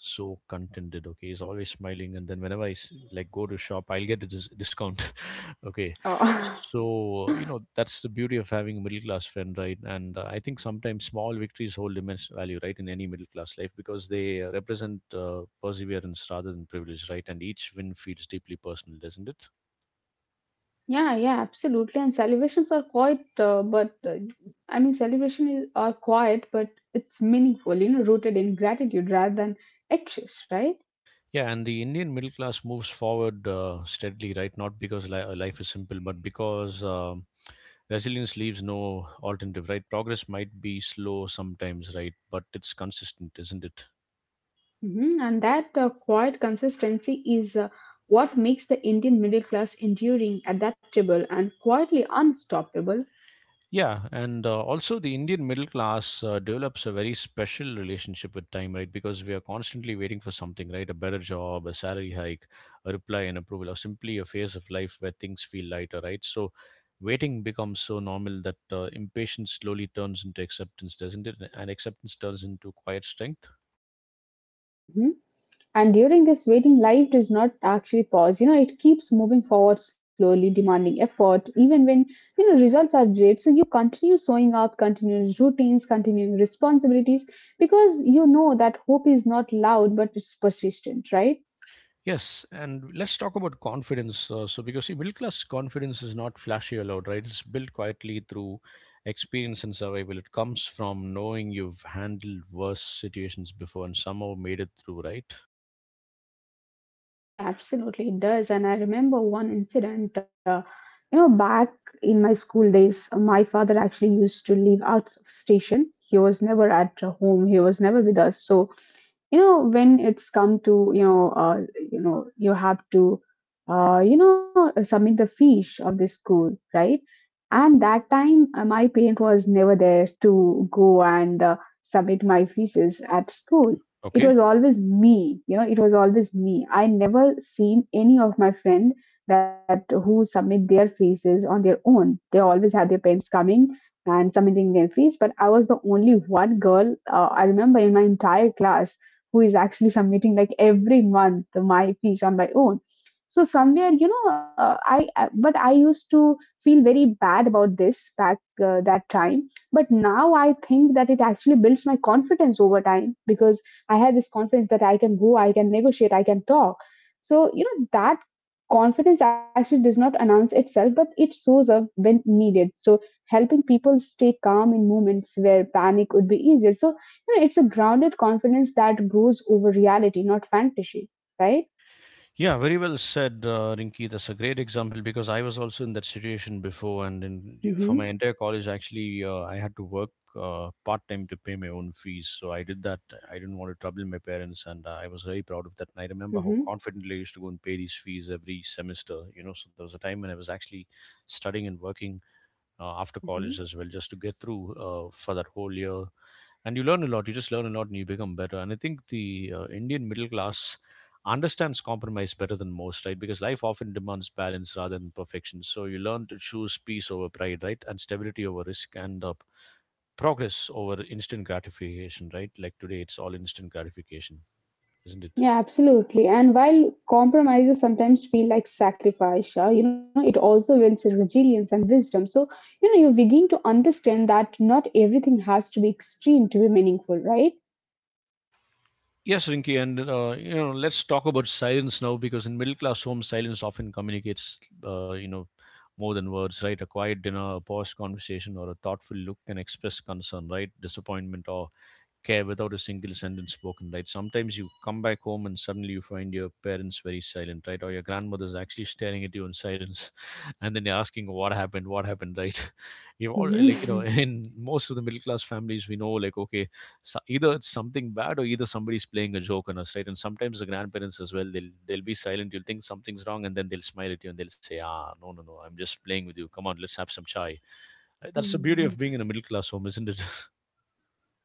A: contented. Okay, he's always smiling, and then whenever like go to shop, I'll get a discount. (laughs) Okay,
B: Oh. (laughs)
A: so you know, that's the beauty of having a middle class friend, right? And I think sometimes small victories hold immense value, right, in any middle class life, because they represent perseverance rather than privilege, right? And each win feels deeply personal, doesn't it?
B: Yeah, yeah, absolutely. And celebrations are quite, celebration is are quiet, but it's meaningful. You know, rooted in gratitude rather than excess, right?
A: Yeah, and the Indian middle class moves forward steadily, right? Not because life is simple, but because resilience leaves no alternative, right? Progress might be slow sometimes, right? But it's consistent, isn't it?
B: Hmm. And that quiet consistency is what makes the Indian middle class enduring, adaptable, and quietly unstoppable.
A: Yeah, and also the Indian middle class develops a very special relationship with time, right? Because we are constantly waiting for something, right? A better job, a salary hike, a reply and approval, or simply a phase of life where things feel lighter, right? So waiting becomes so normal that impatience slowly turns into acceptance, doesn't it? And acceptance turns into quiet strength.
B: Mm-hmm. And during this waiting, life does not actually pause. You know, it keeps moving forward slowly, demanding effort, even when, you know, results are delayed. So you continue sewing up, continuous routines, continuing responsibilities, because you know that hope is not loud, but it's persistent, right?
A: Yes, and let's talk about confidence. Because see, middle class confidence is not flashy or loud, right? It's built quietly through experience and survival. It comes from knowing you've handled worse situations before and somehow made it through, right?
B: Yeah, yeah, absolutely, it does. And I remember one incident, you know, back in my school days, my father actually used to live out of station. He was never at home, he was never with us. So you know when it's come to you know you know you have to you know submit the fish of the school, right? And that time my parent was never there to go and submit my thesis at school. It
A: Okay.
B: was always me, you know, it was always me. I never seen any of my friend that who submit their thesis on their own. They always had their parents coming and submitting their fees. But I was the only one girl, I remember in my entire class who is actually (laughs) submitting like every month my fees on my own. So somewhere, you know, but I used to feel very bad about this back that time. But now I think that it actually builds my confidence over time, because I had this confidence that I can go, I can negotiate, I can talk. So you know that confidence actually does not announce itself, but it shows up when needed. So helping people stay calm in moments where panic would be easier. So you know, it's a grounded confidence that grows over reality, not fantasy, right?
A: Yeah, very well said, Rinki. That's a great example, because I was also in that situation before, and for my
B: Mm-hmm,
A: entire college, actually, I had to work part time to pay my own fees. So I did that. I didn't want to trouble my parents, and I was very proud of that. And I remember how
B: mm-hmm,
A: confidently I used to go and pay these fees every semester. You know, so there was a time when I was actually studying and working after
B: mm-hmm.
A: college as well, just to get through for that whole year. And you learn a lot. You just learn a lot and you become better. And I think the Indian middle class understands compromise better than most, right? Because life often demands balance rather than perfection, so you learn to choose peace over pride, right, and stability over risk, and progress over instant gratification, right? Like today it's all instant gratification, isn't it?
B: Yeah, absolutely. And while compromises sometimes feel like sacrifice, you know, it also builds resilience and wisdom. So, you know, you begin to understand that not everything has to be extreme to be meaningful, right?
A: Yes, Rinky, and you know, let's talk about silence now, because in middle class homes, silence often communicates, you know, more than words, right? A quiet dinner, a paused conversation, or a thoughtful look can express concern, right? Disappointment or care without a single sentence spoken, right? Sometimes you come back home and suddenly you find your parents very silent, right? Or your grandmother's actually staring at you in silence, (laughs) and then you're asking, what happened, right? (laughs) You all like you know,
B: Mhm.
A: in most of the middle class families we know, like, okay, so either it's something bad or either somebody's playing a joke on us, right? And sometimes the grandparents as well, they'll be silent. You'll think something's wrong, and then they'll smile at you and they'll say, ah, no, no, no, I'm just playing with you. Come on, let's have some chai. Right? That's the beauty
B: Mm.
A: of being
B: (laughs)
A: in a middle class home, isn't it? (laughs)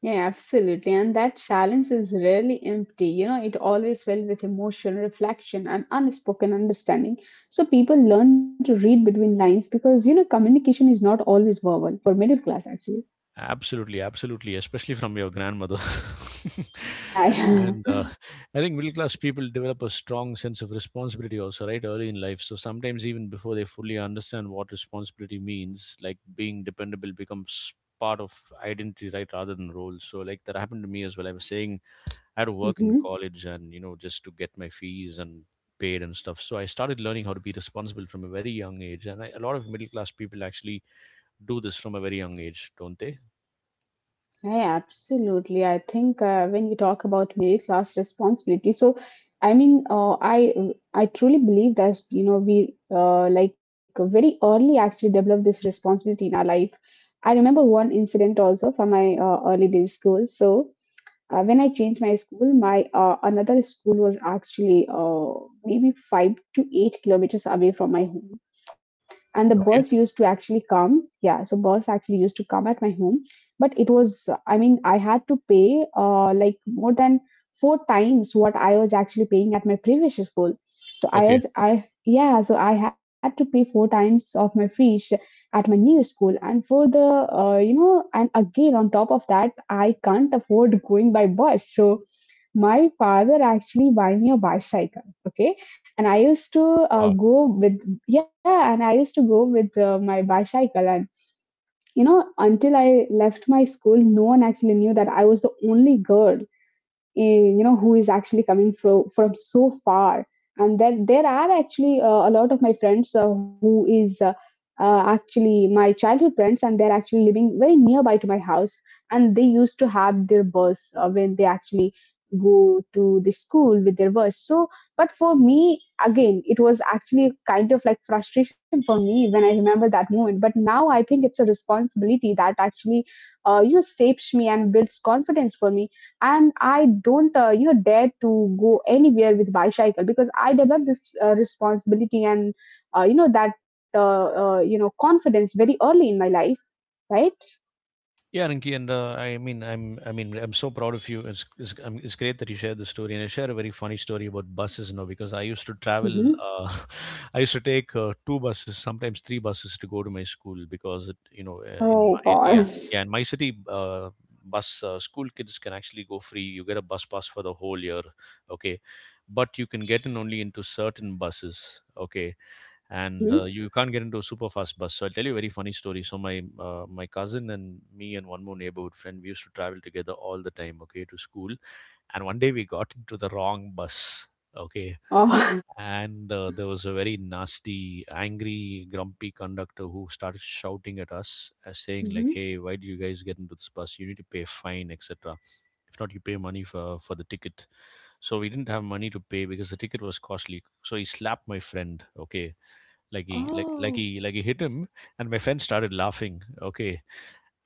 B: Yeah, absolutely. And that challenge is rarely empty. You know, it always filled with emotion, reflection, and unspoken understanding. So people learn to read between lines because, you know, communication is not always verbal for middle class, actually.
A: Absolutely, absolutely, especially from your grandmother. (laughs)
B: Yeah,
A: And I think middle class people develop a strong sense of responsibility also, right, early in life. So sometimes even before they fully understand what responsibility means, like being dependable becomes part of identity, right, rather than role. So like that happened to me as well. I was saying I had to
B: yeah.
A: work in
B: (laughs)
A: college and, you know, just to get my fees and paid and stuff. So I started learning how to be responsible from a very young age. And a lot of middle class people actually do this from a very young age, don't they?
B: Yeah, absolutely. I think when you talk about middle class responsibility, so I mean, I truly believe that you know we like very early actually develop this responsibility in our life. I remember one incident also from my early days school. So when I changed my school, my another school was actually maybe 5 to 8 kilometers away from my home, and the bus used to actually come. Yeah, so bus actually used to come at my home, but it was, I had to pay like more than four times what I was actually paying at my previous school. So I
A: Okay.
B: was I Yeah, so I had to pay four times of my fees at my new school. And for the you know and again, on top of that, I can't afford going by bus, so my father actually buy me a bicycle. Okay, and I used to
A: Wow.
B: go with, yeah, and I used to go with my bicycle. And you know, until I left my school, no one actually knew that I was the only girl, you know, who is actually coming from so far. And there are actually a lot of my friends who is actually my childhood friends, and they're actually living very nearby to my house. And they used to have their bus when they actually go to the school with their bus. So but for me, again, it was actually kind of like frustration for me when I remember that moment. But now I think it's a responsibility that actually, shapes me and builds confidence for me. And I don't dare to go anywhere with bicycle, because I developed this responsibility and, that confidence very early in my life. Right.
A: Yeah, Rinki, and I mean, I mean, I'm so proud of you. It's great that you shared the story, and I share a very funny story about buses, you know, because I used to travel.
B: Mm-hmm.
A: (laughs) I used to take two buses, sometimes three buses, to go to my school because, you know,
B: Oh god.
A: yeah,
B: (laughs)
A: yeah, in my city, bus school kids can actually go free. You get a bus pass for the whole year, okay, but you can get in only into certain buses, okay,
B: Mm-hmm.
A: and you can't get into a super fast bus. So I'll tell you a very funny story. So my cousin and me and one more neighborhood friend, we used to travel together all the time, okay, to school. And one day we got into the wrong bus, okay,
B: Oh. (laughs)
A: and there was a very nasty, angry, grumpy conductor who started shouting at us, saying like,
B: Mm-hmm.
A: "Hey, why do you guys get into this bus? You need to pay fine, etc. If not, you pay money for the ticket." So we didn't have money to pay because the ticket was costly. So he slapped my friend, okay, like he like
B: Oh.
A: like he like he hit him, and my friend started laughing, okay,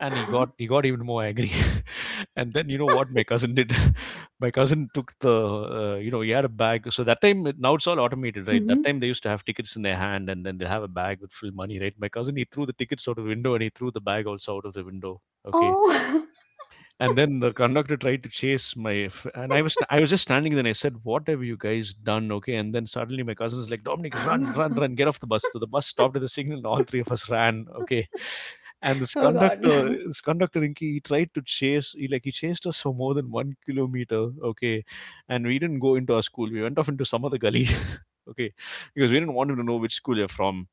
A: and he got even more angry. (laughs) And then you know what my cousin did? (laughs) My cousin took the you know, he had a bag. So that time, now it's all automated, right?
B: Mm-hmm.
A: That time they used to have tickets in their hand and then they have a bag with full money, right? My cousin, he threw the tickets out of the window and he threw the bag also out of the window, okay.
B: Oh.
A: And then the conductor tried to chase and I was just standing there and I said, what have you guys done, okay? And then suddenly my cousin was like, Dominic, run, run, run,
B: (laughs)
A: get off the bus. So the bus stopped at the signal and all three of us ran, okay. And
B: Oh god.
A: this conductor, Inky, he tried to chase, he chased us for more than 1 kilometer, okay. And we didn't go into our school. We went off into some other gully. (laughs) Okay, because we didn't want him to know which school you're from.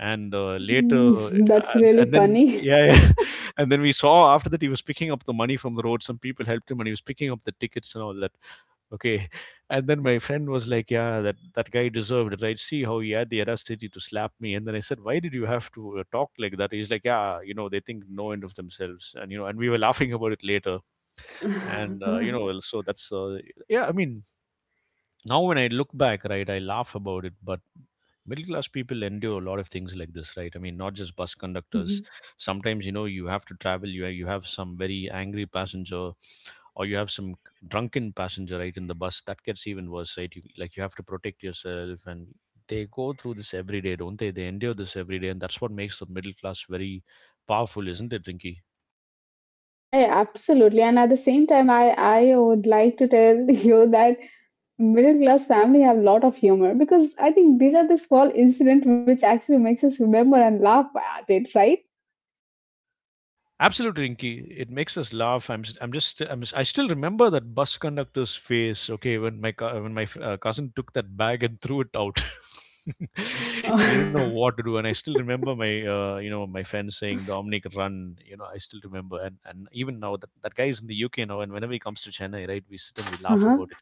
A: and uh, later uh,
B: Mm, (laughs) that's really
A: and then,
B: funny.
A: yeah, yeah. (laughs) And then we saw, after that, he was picking up the money from the road, some people helped him, and he was picking up the tickets and all that, okay. (laughs) And then my friend was like, yeah, that that guy deserved it, right? See how he had the audacity to slap me. And then I said, why did you have to talk like that? He's like, yeah, you know, they think no end of themselves. And you know, and we were laughing about it later. And you know,
B: (laughs)
A: well, so that's yeah i mean now when I look back, right, I laugh about it. But middle class people endure a lot of things like this, right? I mean, not just bus
B: Mhm.
A: conductors. Sometimes, you know, you have to travel, you have some very angry passenger, or you have some drunken passenger, right, in the bus that gets even worse, right? Like you have to protect yourself, and they go through this every day, don't they? They endure this every day, and that's what makes the middle class very powerful, isn't it, Rinky?
B: Yeah, absolutely. And at the same time, I would like to tell (laughs) you that middle class family have a lot of humor, because I think these are the small incident which actually makes us remember and laugh at it, right?
A: Absolutely, Rinky. It makes us laugh. I'm, s- I'm just, I'm, s- I still remember that bus conductor's face. Okay, when my, cou- when my f- cousin took that bag and threw it out, (laughs)
B: (laughs)
A: he didn't know
B: Uh-huh.
A: what to do. And I still remember you know, my friend saying, "Dominic, run!" You know, I still remember. And even now, that guy is in the UK now, and whenever he comes to Chennai, right, we sit and we laugh about it.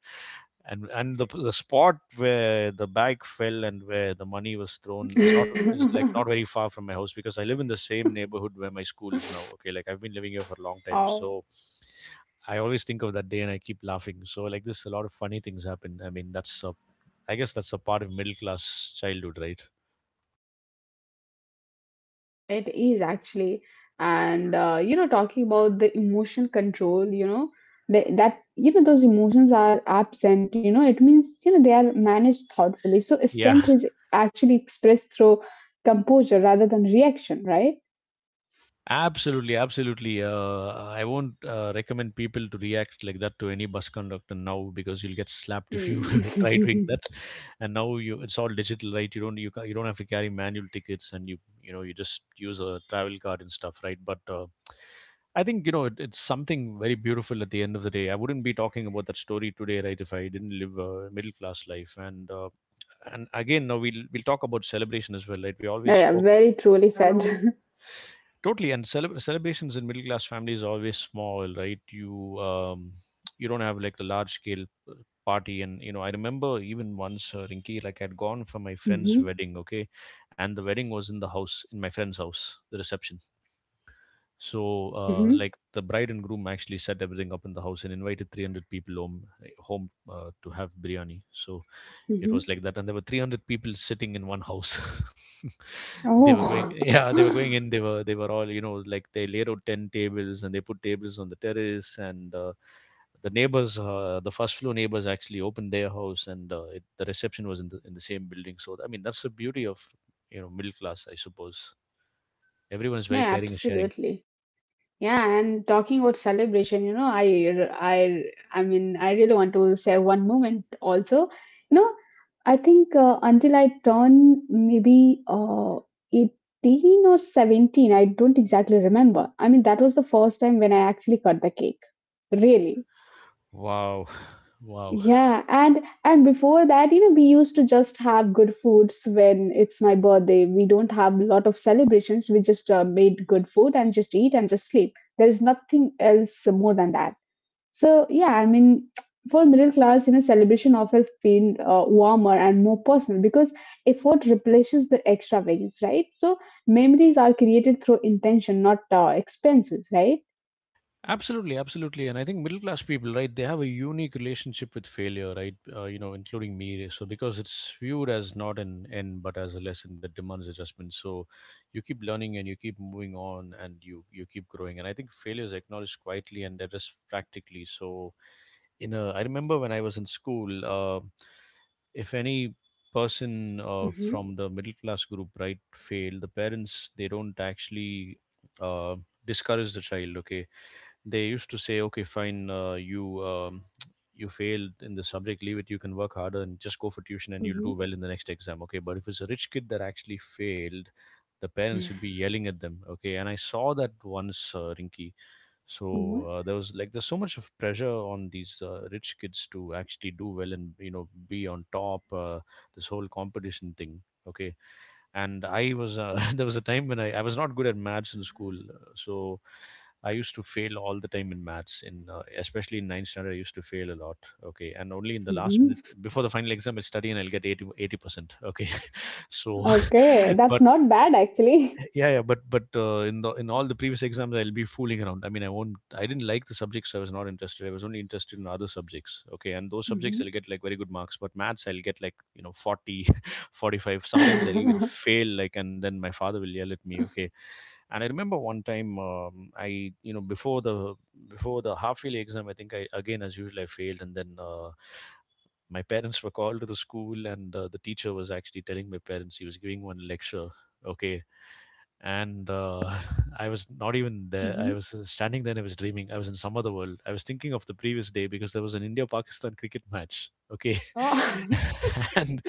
A: And the spot where the bag fell and where the money was thrown is not is like not
B: (laughs)
A: very far from my house, because I live in the same neighborhood where my school is now. Okay, like I've been living here for a long time,
B: Oh,
A: so I always think of that day and I keep laughing. So like this, a lot of funny things happen. I mean, I guess that's a part of middle class childhood, right?
B: yeah, it is actually. And you know, talking about the emotion control, you know, the, that, you know, those emotions are absent. You know, it means, you know, they are managed thoughtfully. So
A: Yeah,
B: strength is actually expressed through composure rather than reaction, right?
A: absolutely, absolutely. I won't recommend people to react like that to any bus conductor now, because you'll get slapped if you
B: Hmm.
A: (laughs) try doing
B: (laughs)
A: that. And now it's all digital, right? You don't have to carry manual tickets, and you know you just use a travel card and stuff, right? But I think you know it's something very beautiful at the end of the day. I wouldn't be talking about that story today, right? If I didn't live a middle class life, and again, now we'll talk about celebration as well, right? We always
B: Yeah, yeah,
A: spoke.
B: very truly said.
A: Totally, and celebrations in middle class families are always small, right? You don't have like the large scale party, and you know I remember even once, Rinky, like I'd gone for my
B: (laughs)
A: friend's
B: Hmm.
A: wedding, okay, and the wedding was in the house, in my friend's house, the reception. So
B: Hmm.
A: like the bride and groom actually set everything up in the house and invited 300 people home to have biryani. So it
B: Hmm.
A: was like that, and there were 300 people sitting in one house. (laughs) They were going,
B: Oh.
A: (laughs) yeah, they were going
B: (laughs)
A: in. They were, they were all, you know, like they laid out 10 tables and they put tables on the terrace, and the neighbors the first floor neighbors actually opened their house, and the reception was in the same building. So I mean that's the beauty of, you know, middle class, I suppose. Everyone's
B: No,
A: very caring and sharing.
B: absolutely. Yeah, and talking about celebration, you know, I mean, I really want to share one moment also. You know, I think until I turn maybe 18 or 17, I don't exactly remember. I mean, that was the first time when I actually cut the cake. Really.
A: Wow. (laughs) Wow.
B: Yeah, and before that, you know, we used to just have good foods when it's my birthday. We don't have a lot of celebrations. We just made good food and just eat and just sleep. There is nothing else more than that. So yeah, I mean, for middle class, you know, celebration often feel warmer and more personal, because effort replaces the extravagance, right? So memories are created through intention, not expenses, right?
A: Absolutely, absolutely. And I think middle class people, right, they have a unique relationship with failure, right, you know, including me. So, because it's viewed as not an end, but as a lesson that demands adjustment. So, you keep learning and you keep moving on and you keep growing. And I think failure is acknowledged quietly and addressed practically. So, I remember when I was in school, if any person from the middle class group, right, fail, the parents, they don't actually uh, discourage the child. Okay, they used to say, okay, fine, you failed in the subject, leave it, you can work harder and just go for tuition and
B: Hmm.
A: you'll
B: Hmm.
A: do well in the next exam. Okay, but if it's a rich kid that actually failed, the parents will be yelling at them. Okay, and I saw that once, Rinky.
B: Yeah.
A: So there was like there's so much of pressure on these rich kids to actually do well and, you know, be on top, this whole competition thing, okay. And I was (laughs) there was a time when I was not good at maths in school, so I used to fail all the time in maths, in especially in ninth standard. I used to fail a lot. Okay, and only in the last minute before the final exam, I'll study and I'll get 80%. Okay, (laughs) so,
B: Okay,
A: (laughs)
B: that's
A: but
B: not bad actually.
A: yeah yeah but in the, in all the previous exams, I'll be fooling around. I mean, I won't, I didn't like the subjects, I was not interested, I was only interested in other subjects, okay, and those subjects I'll
B: (laughs)
A: get like very good marks, but maths I'll get like, you know, 40, (laughs) 45. Sometimes I'll even
B: Mm-hmm.
A: fail, like, and then my father will yell at me. Okay, and I remember one time, I, before the half yearly exam, I think I again as usual I failed, and then my parents were called to the school, and the teacher was actually telling my parents, he was giving one lecture, okay, and (laughs) I was not even there.
B: Mm-hmm.
A: I was standing there and I was dreaming. I was in some other world. I was thinking of the previous day because there was an India Pakistan cricket match. Okay.
B: Oh. (laughs)
A: (laughs) And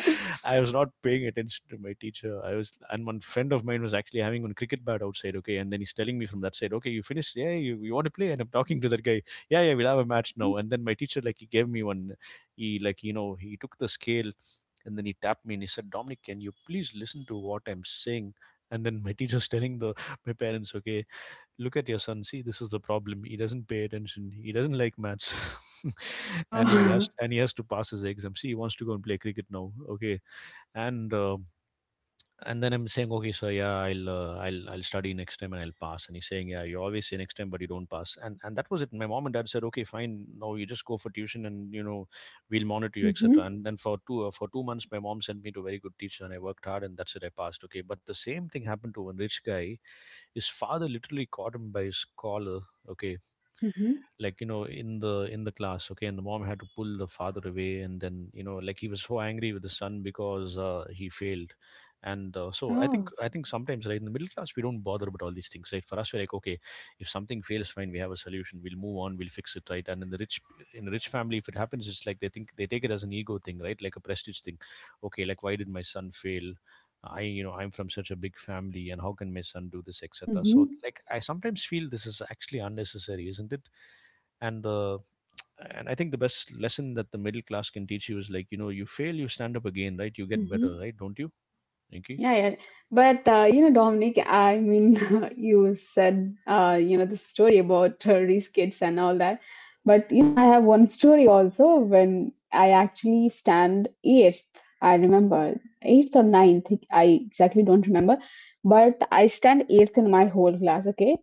A: I was not paying attention to my teacher. And one friend of mine was actually having one cricket bat outside. Okay. And then he's telling me from that side, okay, you finished. Yeah. You want to play? And I'm talking to that guy. Yeah. Yeah. We'll have a match now.
B: Mm-hmm.
A: And then my teacher, like, he gave me one. He, like, you know, he took the scale and then he tapped me and he said, "Dominic, can you please listen to what I'm saying?" And then my teacher's (laughs) telling the my parents, okay, look at your son, see, this is the problem, he doesn't pay attention, he doesn't like maths, (laughs)
B: Oh. (laughs)
A: and he has to pass his exam, see, he wants to go and play cricket now, okay. And and then I'm saying, okay, so yeah, I'll study next time and I'll pass. And he's saying, yeah, you always say next time, but you don't pass. And that was it. My mom and dad said, okay, fine, no, you just go for tuition, and you know, we'll monitor you,
B: Mm-hmm.
A: etc. And then for two for 2 months, my mom sent me to a very good teacher, and I worked hard, and that's it. I passed. Okay, but the same thing happened to one rich guy. His father literally caught him by his collar. Okay,
B: Mm-hmm.
A: like, you know, in the, in the class, okay, and the mom had to pull the father away, and then, you know, like, he was so angry with the son because he failed. And uh, so i think
B: Oh.
A: i think sometimes, right, in the middle class, we don't bother about all these things, right? For us we're like, okay, if something fails, fine, we have a solution, we'll move on, we'll fix it, right? And in the rich family, if it happens, it's like they think, they take it as an ego thing, right, like a prestige thing, okay, like, why did my son fail, I, you know, I'm from such a big family and how can my son do this, etc.
B: Mm-hmm.
A: So, like, I sometimes feel this is actually unnecessary, isn't it? And the and I think the best lesson that the middle class can teach you is, like, you know, you fail, you stand up again, right? You get better, right? Don't you, Inky?
B: Yeah, yeah. But you know, Dominic, I mean, (laughs) you said you know the story about rich kids and all that. But you know, I have one story also when I actually stand eighth. I remember eighth or ninth. I exactly don't remember, but I stand eighth in my whole class. Okay,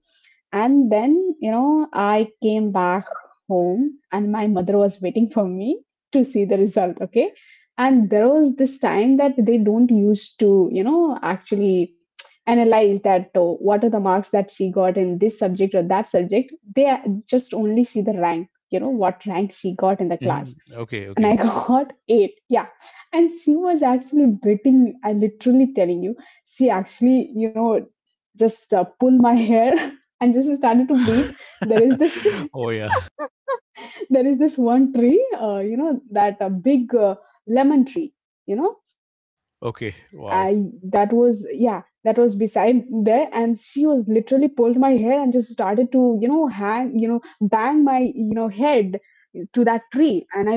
B: and then you know I came back home, and my mother was waiting for me to see the result. Okay, and there was this time that they don't used to, you know, actually analyze that, oh, what are the marks that she got in this subject or that subject. They just only see the rank, you know, what rank she got in the class.
A: Mhm. Okay,
B: And I
A: okay.
B: (laughs) got 8, yeah. And she was actually beating, I literally telling you, she actually, you know, just pull my hair (laughs) and just started to beat. There is this
A: (laughs)
B: (laughs)
A: Oh, yeah.
B: (laughs) there is this one tree, you know, that big lemon tree, you know, I,
A: Okay.
B: that
A: Wow.
B: was, yeah, that was beside there. And she was literally pulled my hair and just started to, you know, hang, you know, bang my, you know, head to that tree. And I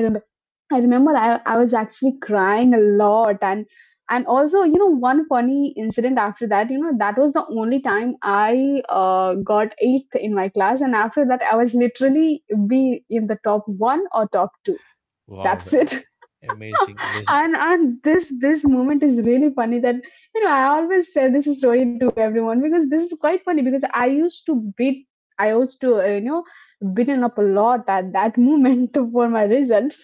B: I remember I, I was actually crying a lot. And also, you know, one funny incident after that, you know, that was the only time I got eighth in my class, and after that I was literally be in the top one or top two.
A: Wow.
B: That's it. (laughs)
A: A- Amazing. Amazing.
B: And this this moment is really funny that, you know, I always say this story to everyone because this is quite funny, because I used to beaten up a lot at that moment (laughs) for my results.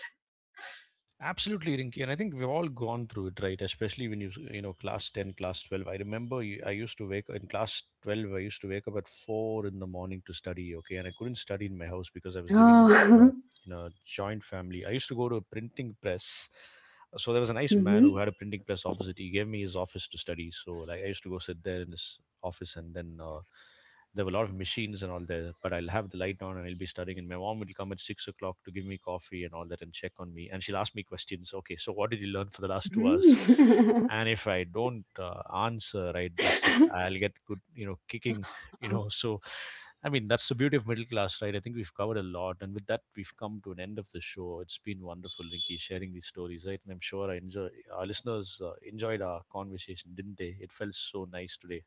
A: Absolutely, Rinky. And I think we've all gone through it, right? Especially when you know, class 10, class 12. I used to wake in class 12, I used to wake up at 4 a.m. in the morning to study, okay? And I couldn't study in my house because I was living in, a- in a
B: Oh. (laughs)
A: in a joint family. I used to go to a printing press. So there was a nice man
B: Mm-hmm.
A: who had a printing press opposite. He gave me his office to study. So like I used to go sit there in his office and then there were a lot of machines and all there, but I'll have the light on and I'll be studying. And my mom will come at 6 o'clock to give me coffee and all that and check on me. And she'll ask me questions. Okay, so what did you learn for the last 2 hours?
B: Mm-hmm.
A: And if I don't answer, right, that's it. I'll get good, you know, kicking, (laughs) you know. So, I mean, that's the beauty of middle class, right? I think we've covered a lot. And with that, we've come to an end of the show. It's been wonderful, Rinky, sharing these stories, right? And I'm sure our listeners enjoyed our conversation, didn't they? It felt so nice today.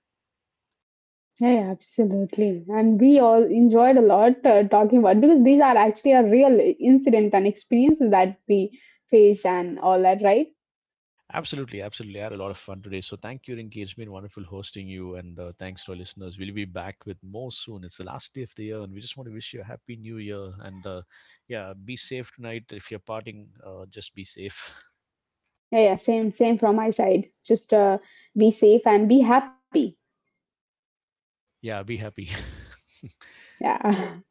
B: (laughs) Yeah, absolutely. And we all enjoyed a lot talking about, because these are actually a real incident and experiences that we face and all that, right?
A: Absolutely, absolutely. I had a lot of fun today. So thank you, Rinki. It's been wonderful hosting you. And thanks to our listeners. We'll be back with more soon. It's the last day of the year, and we just want to wish you a happy new year. And yeah, be safe tonight. If you're partying, just be safe. (laughs)
B: Yeah, yeah, same, same from my side. Just be safe and be happy.
A: Yeah, be happy. (laughs)
B: Yeah. (laughs)